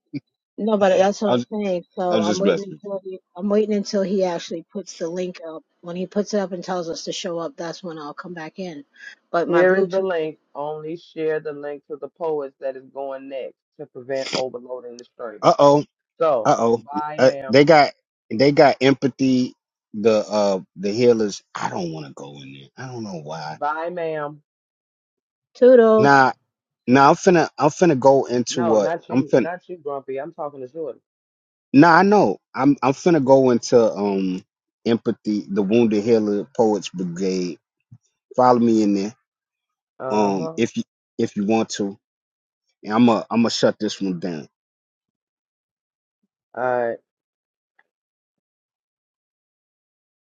S3: no, but that's what
S1: I'm,
S3: I'm saying. So
S1: I'm
S3: I'm
S1: just
S3: waiting
S1: blessed with you.
S3: until he, I'm waiting until he actually puts the link up. When he puts it up and tells us to show up, that's when I'll come back in. But my
S2: Here is the
S3: Bluetooth.
S2: link. Only share the link to the poets that is going next to prevent overloading the stream.
S1: Uh-oh.
S2: So,
S1: Uh-oh.
S2: bye,
S1: Uh,
S2: ma'am.
S1: they got they got empathy. The uh the healers. I don't want to go in there. I don't know why.
S2: Bye, ma'am.
S3: toodles
S1: Nah, nah. I'm finna I'm finna go into
S2: No,
S1: what
S2: not
S1: I'm
S2: you.
S1: finna.
S2: Not you, Grumpy. I'm talking to Jordan.
S1: Nah, I know. I'm I'm finna go into um empathy. The wounded healer poets brigade. Follow me in there.
S2: Uh huh.
S1: um
S2: All
S1: if you if you want to and i'm a am gonna shut this one down
S2: right.